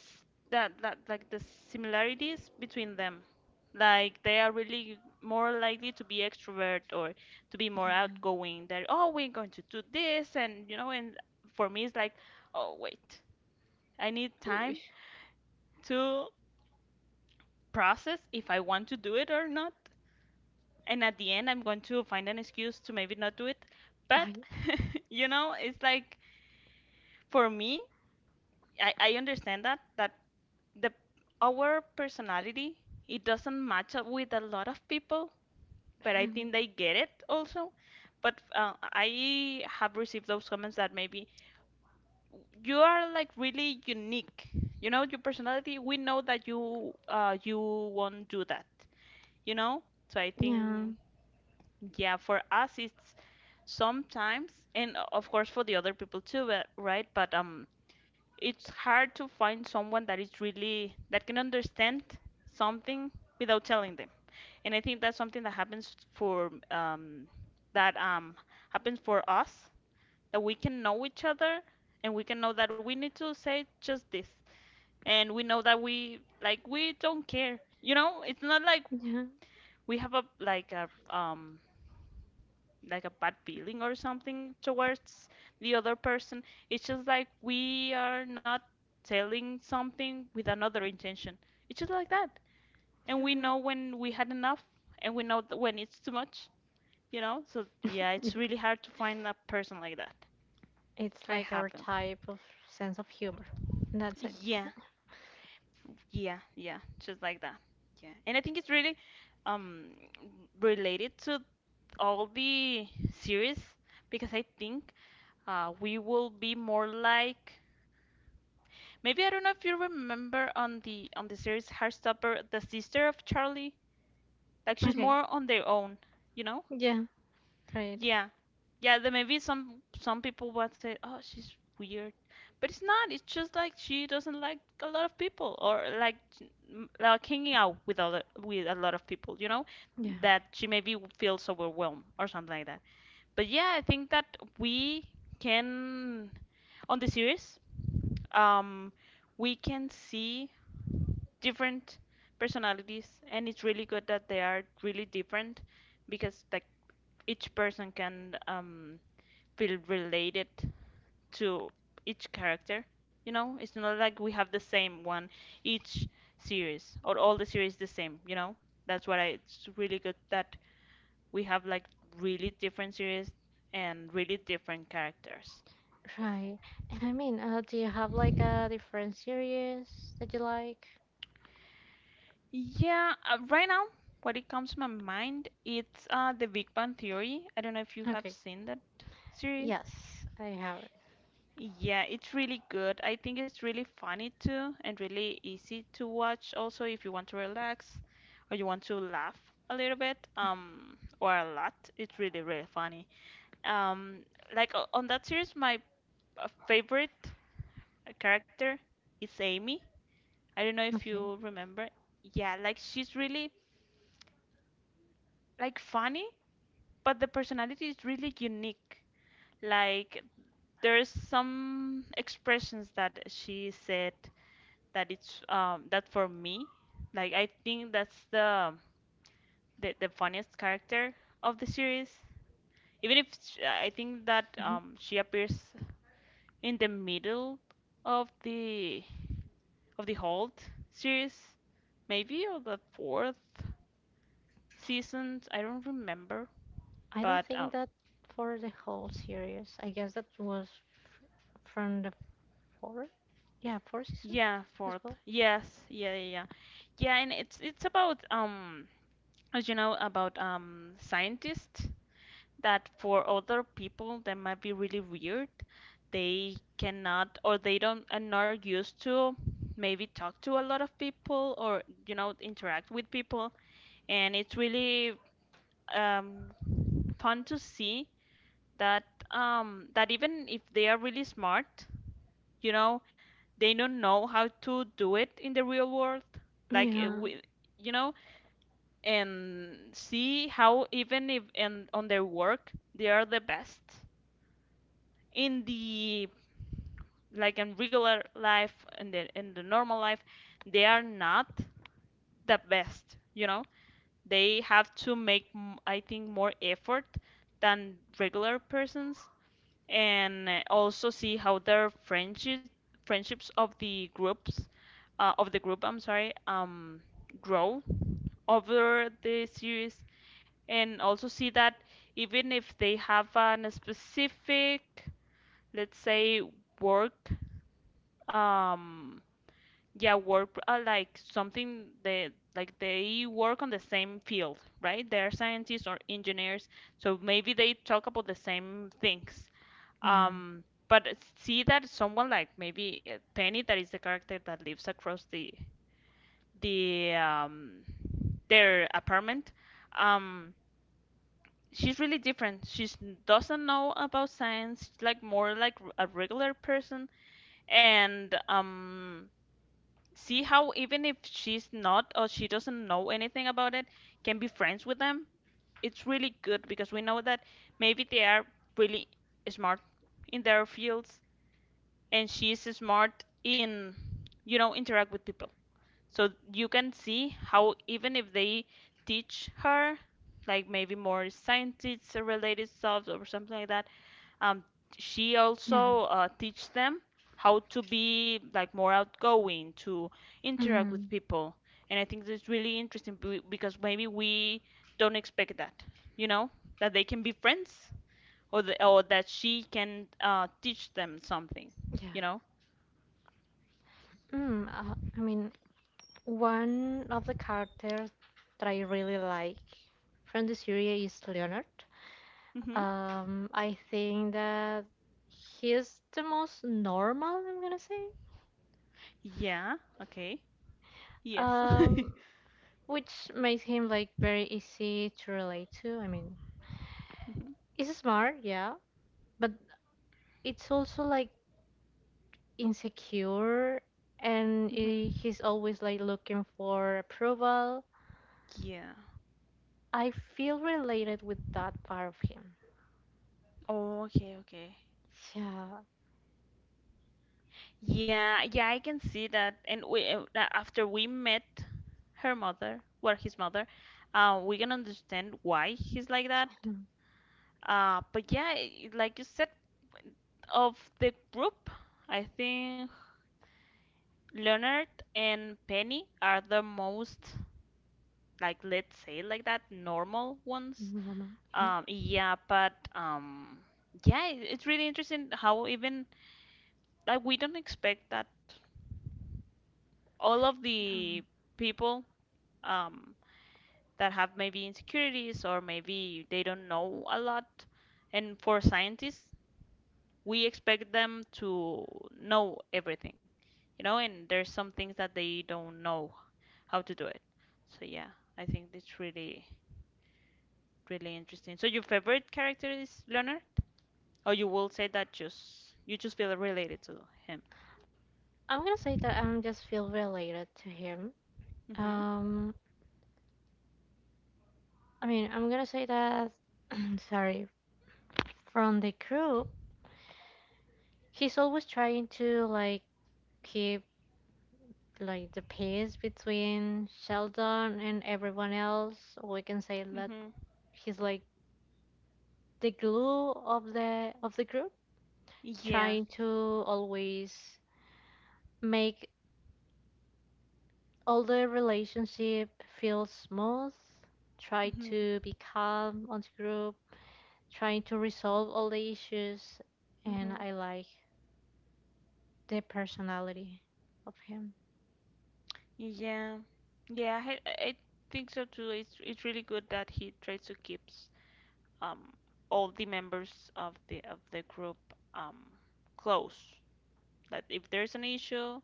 [SPEAKER 2] that like the similarities between them, like they are really more likely to be extrovert, or to be more outgoing, that, oh, we're going to do this, and, and for me it's like, oh wait, I need
[SPEAKER 1] Ooh,
[SPEAKER 2] time to process if I want to do it or not. And at the end, I'm going to find an excuse to maybe not do it.
[SPEAKER 1] I,
[SPEAKER 2] But, it's like, for me, I understand that that the our personality, it doesn't match up with a lot of people, but I
[SPEAKER 1] um,
[SPEAKER 2] think they get it also. But I have received those comments that maybe you are like really unique. You know, your personality. We know that you won't do that. You know, so I
[SPEAKER 1] yeah,
[SPEAKER 2] think. Yeah, for us it's sometimes, and of course for the other people too, right? But it's hard to find someone that is really, that can understand something without telling them. And I think that's something that happens for, that happens for us, that we can know each other, and we can know that we need to say just this. And we know that we don't care. You know, it's not like
[SPEAKER 1] yeah,
[SPEAKER 2] we have a like a like a bad feeling or something towards the other person. It's just like we are not telling something with another intention. It's just like that. And we know when we had enough, and we know when it's too much, you know? So yeah,
[SPEAKER 1] yeah.
[SPEAKER 2] it's really hard to find a person like that.
[SPEAKER 1] It's
[SPEAKER 2] I
[SPEAKER 1] like our
[SPEAKER 2] haven't.
[SPEAKER 1] type of sense of humor. And that's it.
[SPEAKER 2] Yeah, yeah, yeah, just like that. Yeah. And I think it's really, um related to all the series. Because I think we will be more like, maybe I don't know if you remember, on the series Heartstopper, the sister of Charlie. Like she's
[SPEAKER 1] Okay.
[SPEAKER 2] more on their own, you know?
[SPEAKER 1] Yeah, right.
[SPEAKER 2] Yeah. Yeah, then maybe some people would say, "Oh, she's weird." But it's not. It's just like she doesn't like a lot of people, or like hanging out with other, with a lot of people, you know?
[SPEAKER 1] Yeah,
[SPEAKER 2] That she maybe feels overwhelmed or something like that. But yeah, I think that we can on the series, um, we can see different personalities, and it's really good that they are really different. Because like each person can, feel related to each character. It's not like we have the same one each series, or all the series the same. That's it's really good that we have like really different series and really different characters.
[SPEAKER 1] right. And I mean, do you have like a different series that you like?
[SPEAKER 2] Yeah, right now, what it comes to my mind, it's The Big Bang Theory. I don't know if you have
[SPEAKER 1] Okay.
[SPEAKER 2] seen that series.
[SPEAKER 1] Yes, I have it.
[SPEAKER 2] Yeah, it's really good. I think it's really funny too, and really easy to watch also if you want to relax or you want to laugh a little bit, or a lot. It's really, really funny. Um, like on that series, my favorite character is Amy. I don't know if
[SPEAKER 1] Okay.
[SPEAKER 2] you remember. Yeah, like she's really, like, funny, but the personality is really unique. Like there's some expressions that she said that it's that for me, like I think that's the funniest character of the series. Even if sh I think that
[SPEAKER 1] hmm
[SPEAKER 2] she appears in the middle of the of the whole series, maybe or the fourth season, I don't remember.
[SPEAKER 1] I don't
[SPEAKER 2] But
[SPEAKER 1] think that for the whole series. I guess that was f- from the four. Yeah, four season
[SPEAKER 2] Yeah,
[SPEAKER 1] as
[SPEAKER 2] fourth.
[SPEAKER 1] well.
[SPEAKER 2] Yes, yeah. and it's about as you know about scientists that for other people that might be really weird, they cannot or they don't are not used to maybe talk to a lot of people or you know interact with people and it's really um fun to see that that even if they are really smart you know they don't know how to do it in the real world like
[SPEAKER 1] Yeah,
[SPEAKER 2] we, you know and see how even if and on their work they are the best in the like in regular life in the normal life they are not the best you know they have to make I think more effort than regular persons and also see how their friendship friendships of the groups of the group, I'm sorry, grow over the series and also see that even if they have an a specific, let's say, work, um, yeah, work like something they like they work on the same field, right? They're scientists or engineers, so maybe they talk about the same things.
[SPEAKER 1] yeah,
[SPEAKER 2] Um, but see that someone like maybe Penny, that is the character that lives across the um, their apartment. Um, she's really different. She doesn't know about science, like more like a regular person, and see how even if she's not or she doesn't know anything about it, can be friends with them. It's really good because we know that maybe they are really smart in their fields, and she's smart in you know interact with people. So you can see how even if they teach her like maybe more scientists related stuff or something like that, um, she
[SPEAKER 1] yeah.
[SPEAKER 2] also teach them how to be like more outgoing, to interact with
[SPEAKER 1] Mm.
[SPEAKER 2] people. And I think that's really interesting because maybe we don't expect that, you know, that they can be friends or that she can teach them something, you
[SPEAKER 1] Yeah.
[SPEAKER 2] know?
[SPEAKER 1] I mean, one of the characters that I really like from the series is Leonard.
[SPEAKER 2] Hmm.
[SPEAKER 1] I think that he's the most normal, I'm gonna say,
[SPEAKER 2] Yeah, okay. Yes.
[SPEAKER 1] um, which makes him like very easy to relate to. I mean,
[SPEAKER 2] Mhm.
[SPEAKER 1] he's smart, yeah, but it's also like insecure, and
[SPEAKER 2] Hmm.
[SPEAKER 1] he's always like looking for approval.
[SPEAKER 2] Yeah.
[SPEAKER 1] I feel related with that part of him.
[SPEAKER 2] Oh, okay, okay.
[SPEAKER 1] Yeah.
[SPEAKER 2] Yeah, yeah, I can see that. And after we met her mother, well, his mother, we can understand why he's like that.
[SPEAKER 1] Mm,
[SPEAKER 2] But yeah, like you said, of the group, I think Leonard and Penny are the most, like, let's say it like that, normal ones.
[SPEAKER 1] normal. Yeah.
[SPEAKER 2] Um, yeah, but um, yeah, it, it's really interesting how even like we don't expect that all of the
[SPEAKER 1] No.
[SPEAKER 2] people um, that have maybe insecurities or maybe they don't know a lot. And for scientists, we expect them to know everything, you know, and there's some things that they don't know how to do it. So yeah, I think it's really, really interesting. So your favorite character is Leonard, or you will say that just you just feel related to him.
[SPEAKER 1] I'm gonna say that I'm just feel related to him.
[SPEAKER 2] Mhm.
[SPEAKER 1] Um, I mean, I'm gonna say that. sorry, from the crew, he's always trying to keep like the peace between Sheldon and everyone else. Or we can say that
[SPEAKER 2] Mhm.
[SPEAKER 1] he's like the glue of the group,
[SPEAKER 2] Yeah.
[SPEAKER 1] trying to always make although relationship feels smooth, try
[SPEAKER 2] Mhm.
[SPEAKER 1] to be calm on the group, trying to resolve all the issues, and
[SPEAKER 2] Mhm.
[SPEAKER 1] I like the personality of him.
[SPEAKER 2] Yeah, yeah, I think so too. It's really good that he tries to keeps um all the members of the group um close. That if there's an issue,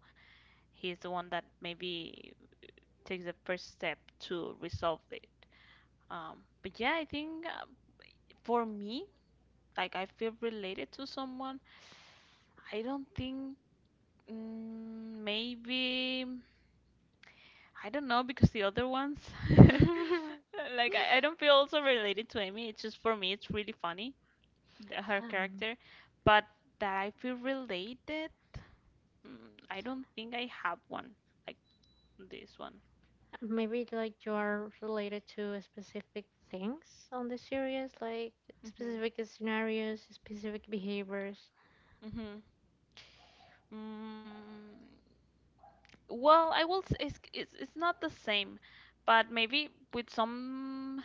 [SPEAKER 2] he's the one that maybe takes the first step to resolve it. But yeah, I think for me, like I feel related to someone. I don't think mm, maybe. I don't know because the other ones,
[SPEAKER 1] Yeah,
[SPEAKER 2] like I don't feel also related to Amy. It's just for me, it's really funny her character, but that I feel related, I don't think I have one like this one.
[SPEAKER 1] maybe like you are related to specific things on the series, like
[SPEAKER 2] Mhm.
[SPEAKER 1] specific scenarios, specific behaviors.
[SPEAKER 2] Mhm. Mm, well, it's not the same, but maybe with some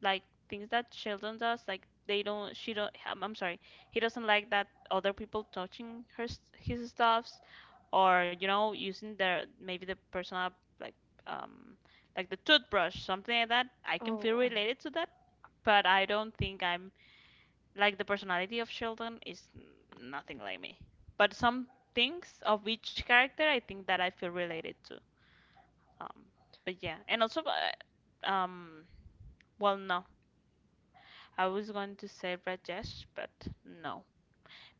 [SPEAKER 2] like things that Sheldon does, like they don't. She don't. I'm sorry. He doesn't like that other people touching his stuff, or you know using their maybe the personal like um like the toothbrush something like that. I can feel
[SPEAKER 1] Oh,
[SPEAKER 2] related to that but I don't think I'm like the personality of Sheldon is nothing like me but some things of each character I think that I feel related to. um but yeah and also well no I was going to say Rajesh but no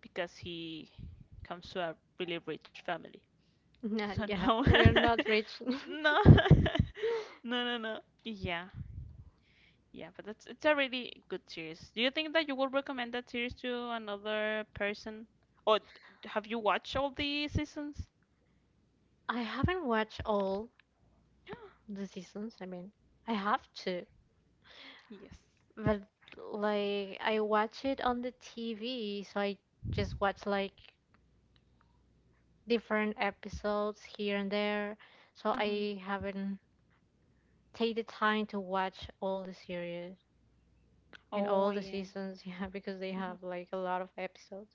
[SPEAKER 2] because he comes to a really rich family
[SPEAKER 1] no,
[SPEAKER 2] so
[SPEAKER 1] yeah,
[SPEAKER 2] no
[SPEAKER 1] we're not rich.
[SPEAKER 2] no No, no, no. Yeah, yeah, but it's a really good series. Do you think that you would recommend that series to another person? Or d- have you watched all the seasons?
[SPEAKER 1] I haven't watched all, the seasons, I have to.
[SPEAKER 2] Yes.
[SPEAKER 1] But like I watch it on the TV, so I just watch like different episodes here and there. So
[SPEAKER 2] Hmm.
[SPEAKER 1] I haven't take the time to watch all the series and
[SPEAKER 2] Oh
[SPEAKER 1] all the
[SPEAKER 2] yeah.
[SPEAKER 1] seasons, yeah, because they
[SPEAKER 2] Hmm.
[SPEAKER 1] have like a lot of episodes.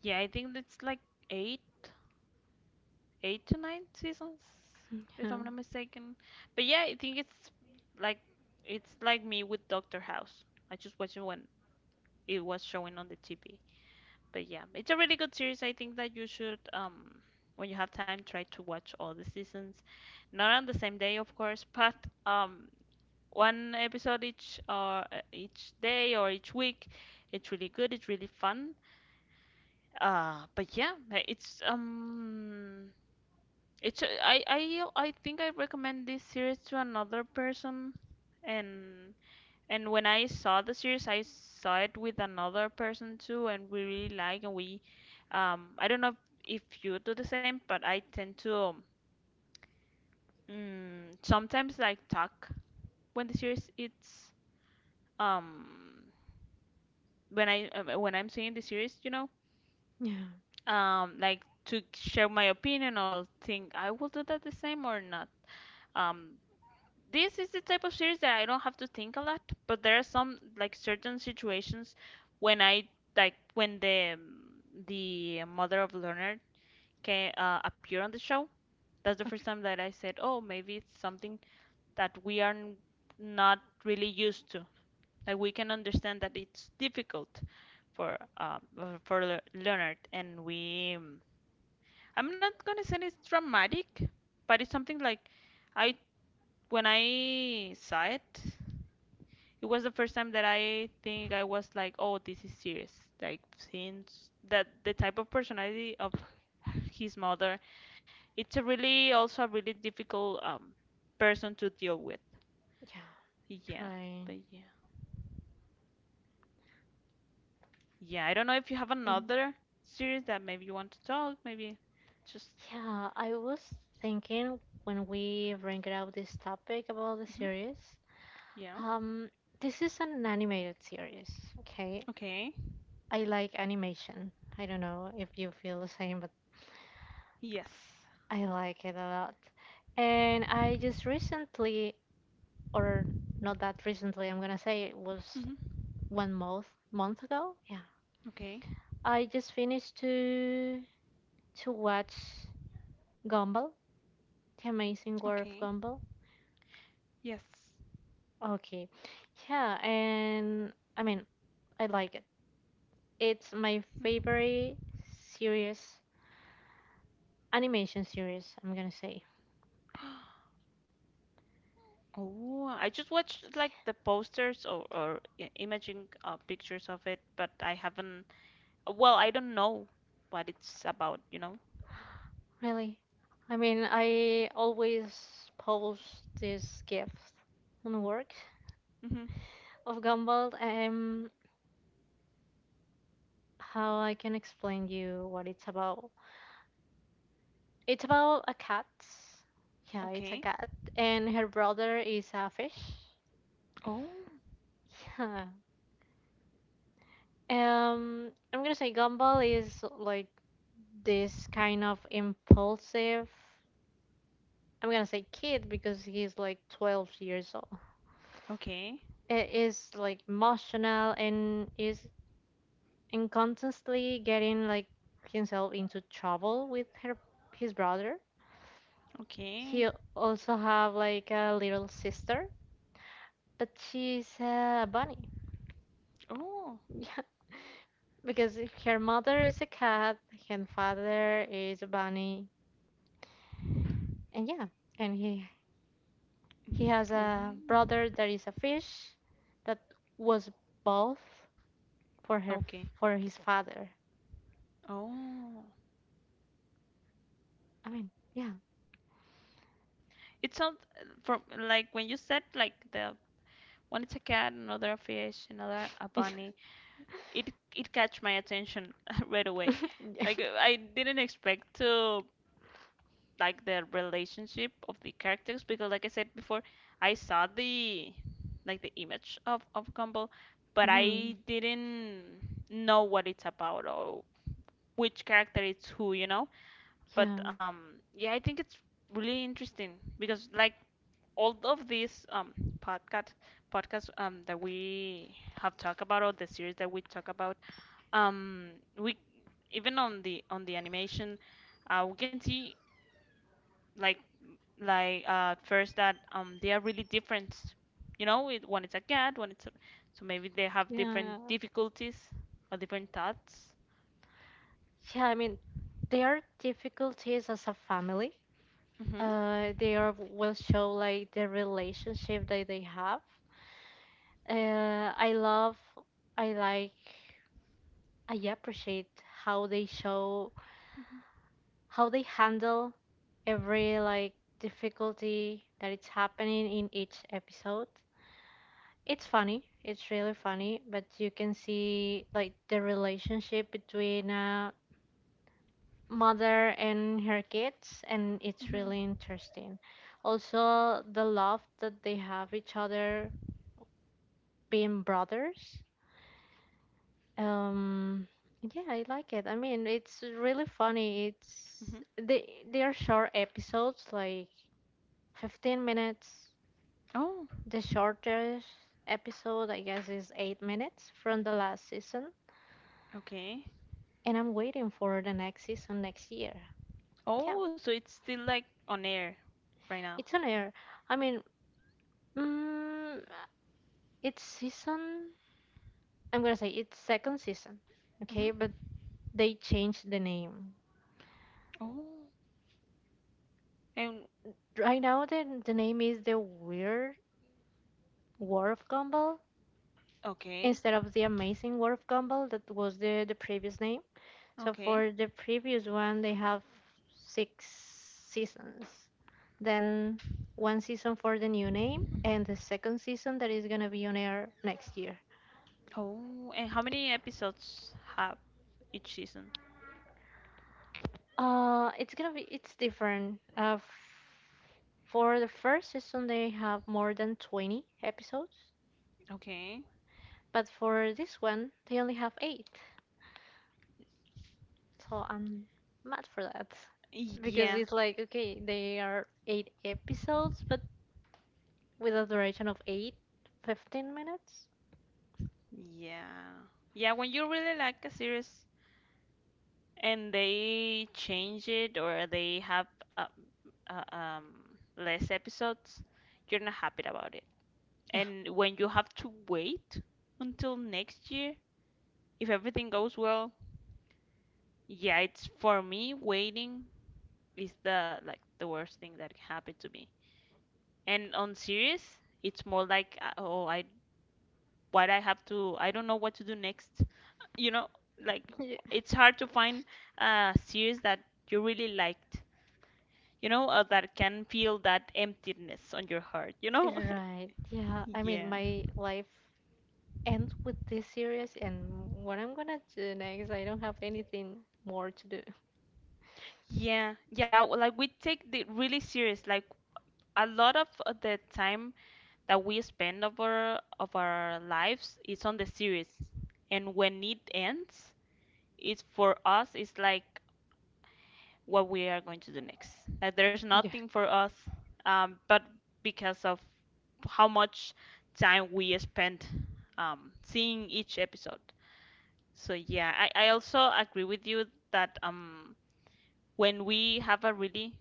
[SPEAKER 2] Yeah, I think it's like eight, eight to nine seasons, if
[SPEAKER 1] Yeah,
[SPEAKER 2] I'm not mistaken. But yeah, I think like it's like me with Doctor House. I just watched it when it was showing on the TV. But yeah, it's a really good series. I think that you should, when you have time, try to watch all the seasons. Not on the same day, of course, but um, one episode each or each day or each week. It's really good. It's really fun. But yeah, it's I think I recommend this series to another person, and and when I saw the series, I saw it with another person too, and we really like, and I don't know if you do the same, but I tend to sometimes like talk when the series it's um when I'm seeing the series, you know,
[SPEAKER 1] yeah,
[SPEAKER 2] like to share my opinion or think I will do that the same or not. Um, this is the type of series that I don't have to think a lot, but there are some like certain situations when I like when the mother of Leonard can appear on the show. That's the first time that I said, "Oh, maybe it's something that we are not really used to. Like we can understand that it's difficult for Leonard, and we I'm not gonna say it's dramatic, but it's something like I when I saw it, it was the first time that I think I was like, oh, this is serious. Like since that the type of personality of his mother, it's a really also a really difficult person to deal with.
[SPEAKER 1] yeah.
[SPEAKER 2] Yeah,
[SPEAKER 1] Trying.
[SPEAKER 2] but yeah, yeah. I don't know if you have
[SPEAKER 1] And
[SPEAKER 2] another series that maybe you want to talk. Maybe just
[SPEAKER 1] yeah, I was thinking when we bring out this topic about the
[SPEAKER 2] hmm.
[SPEAKER 1] series.
[SPEAKER 2] Yeah.
[SPEAKER 1] Um, this is an animated series, okay?
[SPEAKER 2] Okay.
[SPEAKER 1] I like animation. I don't know if you feel the same, but
[SPEAKER 2] Yes.
[SPEAKER 1] I like it a lot. And I just recently, or not that recently, I'm gonna say it was
[SPEAKER 2] Hmm.
[SPEAKER 1] one month ago. Yeah.
[SPEAKER 2] Okay.
[SPEAKER 1] I just finished to watch Gumball, The Amazing World of
[SPEAKER 2] Okay.
[SPEAKER 1] Gumball.
[SPEAKER 2] Yes.
[SPEAKER 1] Okay. Yeah, and I like it. It's my
[SPEAKER 2] Mhm.
[SPEAKER 1] favorite series animation series, I'm gonna say.
[SPEAKER 2] Oh, I just watched like the posters, or imaging pictures of it, but I haven't. Well, I don't know what it's about, you know?
[SPEAKER 1] Really? I mean, I always post this gift on the work
[SPEAKER 2] Mm-hmm.
[SPEAKER 1] of Gumball. How I can explain you what it's about? It's about a cat. Yeah, it's a
[SPEAKER 2] Okay.
[SPEAKER 1] cat, and her brother is a fish.
[SPEAKER 2] Oh,
[SPEAKER 1] Yeah. I'm gonna say Gumball is like this kind of impulsive. I'm gonna say kid because he's like 12 years old.
[SPEAKER 2] okay.
[SPEAKER 1] It is like emotional and constantly getting like himself into trouble with her his brother.
[SPEAKER 2] Okay.
[SPEAKER 1] He also have like a little sister, but she's a bunny.
[SPEAKER 2] Oh.
[SPEAKER 1] Yeah, because her mother is a cat, her father is a bunny, and yeah, and he has a
[SPEAKER 2] Mm.
[SPEAKER 1] brother that is a fish that was both for her
[SPEAKER 2] Okay.
[SPEAKER 1] for his father.
[SPEAKER 2] Oh.
[SPEAKER 1] I mean,
[SPEAKER 2] It sounds from like when you said like the one is a cat, another a fish, another a
[SPEAKER 1] yeah.
[SPEAKER 2] bunny. It catch my attention right away. Like I didn't expect to, like the relationship of the characters because like I said before, I saw the like the image of Gumball, but
[SPEAKER 1] Mhm.
[SPEAKER 2] I didn't know what it's about or which character it's who, you know?
[SPEAKER 1] Yeah,
[SPEAKER 2] But yeah, I think it's really interesting because like all of these podcast podcasts that we have talked about or the series that we talk about um we even on the animation we can see like like at first that they are really different you know it, one is a cat one it's a, so maybe they have different
[SPEAKER 1] yeah,
[SPEAKER 2] difficulties or different thoughts.
[SPEAKER 1] yeah. I mean, their difficulties as a family,
[SPEAKER 2] Mm-hmm.
[SPEAKER 1] they are will show like the relationship that they have. I love, I like, I appreciate how they show how they handle every like difficulty that it's happening in each episode. It's funny. It's really funny, but you can see like the relationship between mother and her kids, and it's
[SPEAKER 2] Mm-hmm.
[SPEAKER 1] really interesting also the love that they have each other being brothers. um yeah, I like it. I mean, it's really funny. It's
[SPEAKER 2] Mm-hmm.
[SPEAKER 1] they are short episodes like 15 minutes.
[SPEAKER 2] Oh.
[SPEAKER 1] The shortest episode I guess is 8 minutes from the last season,
[SPEAKER 2] Okay.
[SPEAKER 1] and I'm waiting for the next season next year. Yeah,
[SPEAKER 2] Oh, so it's still like on air right now.
[SPEAKER 1] it's on air. i mean mm, it's season, I'm gonna say it's second season, okay? But
[SPEAKER 2] Mm-hmm.
[SPEAKER 1] they changed the name.
[SPEAKER 2] Oh, and
[SPEAKER 1] Right now, the name is the Weird War of Gumball
[SPEAKER 2] okay.
[SPEAKER 1] instead of the Amazing War of Gumball that was the previous name. So for
[SPEAKER 2] Okay.
[SPEAKER 1] the previous one, they have six seasons. Then one season for the new name and the second season that is gonna be on air next year.
[SPEAKER 2] Oh, and how many episodes have each season?
[SPEAKER 1] It's gonna be it's different. For the first season they have more than 20 episodes,
[SPEAKER 2] Okay.
[SPEAKER 1] but for this one they only have 8. So I'm mad for that because
[SPEAKER 2] Yeah.
[SPEAKER 1] it's like okay, they are 8 episodes but with a duration of 8, 15 minutes.
[SPEAKER 2] Yeah, yeah, when you really like a series and they change it or they have uh, um, less episodes, you're not happy about it.
[SPEAKER 1] Yeah.
[SPEAKER 2] And when you have to wait until next year, if everything goes well, yeah, it's for me waiting is the like the worst thing that can happen to me. And on series, it's more like oh, I what I have to I don't know what to do next. You know, like it's hard to find a series that you really liked you know, that can feel that emptiness on your heart, you know?
[SPEAKER 1] Yeah. Right. Yeah. I mean,
[SPEAKER 2] Yeah.
[SPEAKER 1] my life ends with this series and what I'm gonna do next, I don't have anything more to do.
[SPEAKER 2] Yeah. Yeah, well, like we take the really serious. Like a lot of the time that we spend of our lives is on the series, and when it ends, it's for us. It's like what we are going to do next. Like there's nothing for us, but because of how much time we spend seeing each episode. So yeah, I also agree with you that when we have a really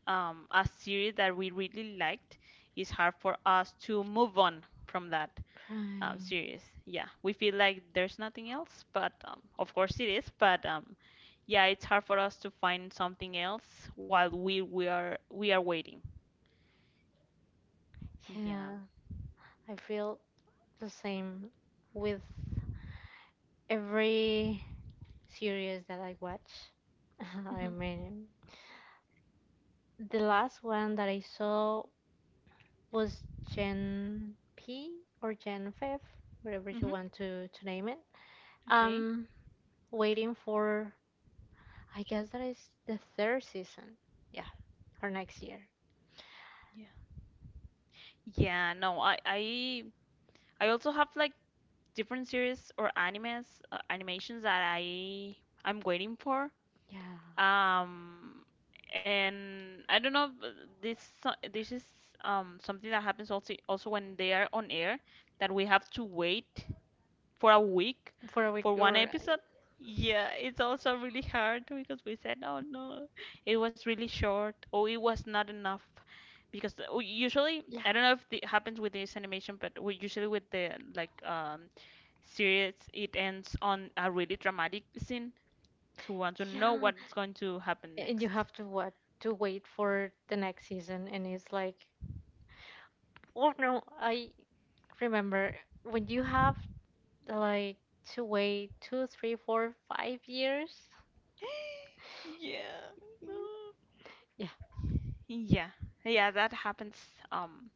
[SPEAKER 2] a series that we really liked, it's hard for us to move on from that
[SPEAKER 1] Crying,
[SPEAKER 2] series. Yeah, we feel like there's nothing else, but of course it is. But Yeah, it's hard for us to find something else while we are waiting. Yeah.
[SPEAKER 1] yeah, I feel the same with every series that I watch. I
[SPEAKER 2] Mhm.
[SPEAKER 1] mean, the last one that I saw was Gen P or Gen 5, whatever you
[SPEAKER 2] Mhm.
[SPEAKER 1] want to name it.
[SPEAKER 2] Okay.
[SPEAKER 1] I'm waiting for, I guess that is the third season. Yeah, or next year.
[SPEAKER 2] Yeah. Yeah. No, I also have like different series or animes animations that I'm waiting for.
[SPEAKER 1] Yeah,
[SPEAKER 2] Um, and I don't know, but this is something that happens also also when they are on air that we have to wait for a week
[SPEAKER 1] for a week
[SPEAKER 2] for one
[SPEAKER 1] or,
[SPEAKER 2] episode. Yeah, it's also really hard because we said, oh no, it was really short or it was not enough because we usually
[SPEAKER 1] yeah,
[SPEAKER 2] I don't know if it happens with this animation, but we usually with the like series, it ends on a really dramatic scene to want to know
[SPEAKER 1] yeah,
[SPEAKER 2] what's going to happen
[SPEAKER 1] and you
[SPEAKER 2] next.
[SPEAKER 1] have to what to wait for the next season and it's like oh no, I remember when you have like to wait 2, 3, 4, 5 years
[SPEAKER 2] Yeah.
[SPEAKER 1] Mm, yeah.
[SPEAKER 2] Yeah, yeah, that happens. Um,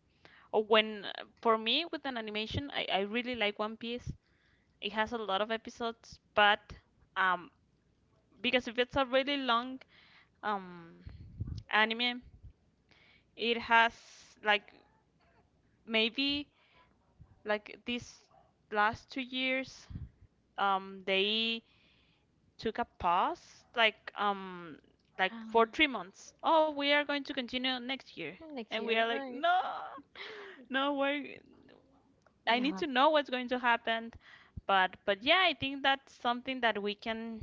[SPEAKER 2] when for me with an animation, I really like One Piece. It has a lot of episodes, but um, because if it's a really long um anime, it has like maybe like these last 2 years, they took a pause, like for
[SPEAKER 1] cra-
[SPEAKER 2] 3 months. Oh, we are going to continue next year,
[SPEAKER 1] Next
[SPEAKER 2] and we are
[SPEAKER 1] year,
[SPEAKER 2] like,
[SPEAKER 1] right?
[SPEAKER 2] no, no, we I need
[SPEAKER 1] Yeah,
[SPEAKER 2] to know what's going to happen, but yeah, I think that's something that we can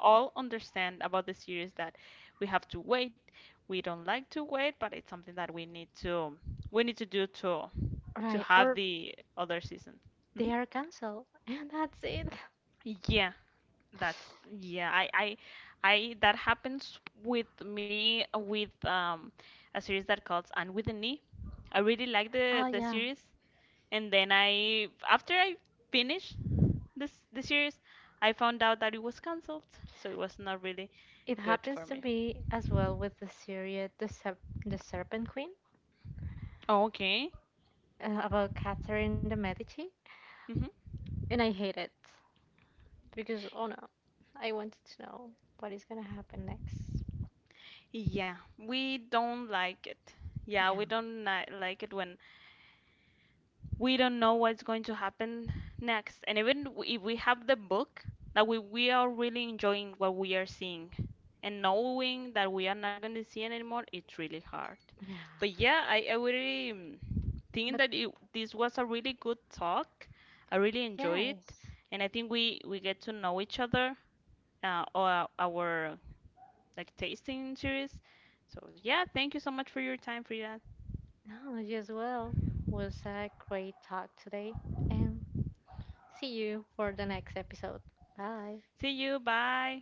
[SPEAKER 2] all understand about the series that we have to wait. We don't like to wait, but it's something that we need to do to
[SPEAKER 1] right,
[SPEAKER 2] have
[SPEAKER 1] or
[SPEAKER 2] the other season.
[SPEAKER 1] they
[SPEAKER 2] Mhm.
[SPEAKER 1] are canceled and that's it.
[SPEAKER 2] Yeah. That's yeah, I that happens with me with a series that calls And with the Knee. I really like
[SPEAKER 1] Oh
[SPEAKER 2] the
[SPEAKER 1] yeah,
[SPEAKER 2] series and then I after I finished this the series, I found out that it was canceled, so it was not really
[SPEAKER 1] it
[SPEAKER 2] good
[SPEAKER 1] happens
[SPEAKER 2] for
[SPEAKER 1] to
[SPEAKER 2] me.
[SPEAKER 1] me as well with the series the Serpent Queen,
[SPEAKER 2] Okay.
[SPEAKER 1] about Catherine de Medici,
[SPEAKER 2] Hmm.
[SPEAKER 1] and I hate it because oh no, I wanted to know what is gonna happen next.
[SPEAKER 2] Yeah, we don't like it. Yeah, we
[SPEAKER 1] Yeah,
[SPEAKER 2] don't like it when we don't know what's going to happen next. And even if we have the book, that we are really enjoying what we are seeing. And knowing that we are not going to see it anymore, it's really hard.
[SPEAKER 1] yeah.
[SPEAKER 2] But yeah, I really think
[SPEAKER 1] But
[SPEAKER 2] that this was a really good talk. I really enjoy it.
[SPEAKER 1] yes,
[SPEAKER 2] And I think we get to know each other, or our like tasting series. So yeah, thank you so much for your time, Frida.
[SPEAKER 1] no, you as well. Was a great talk today, and see you for the next episode. Bye.
[SPEAKER 2] See you. Bye.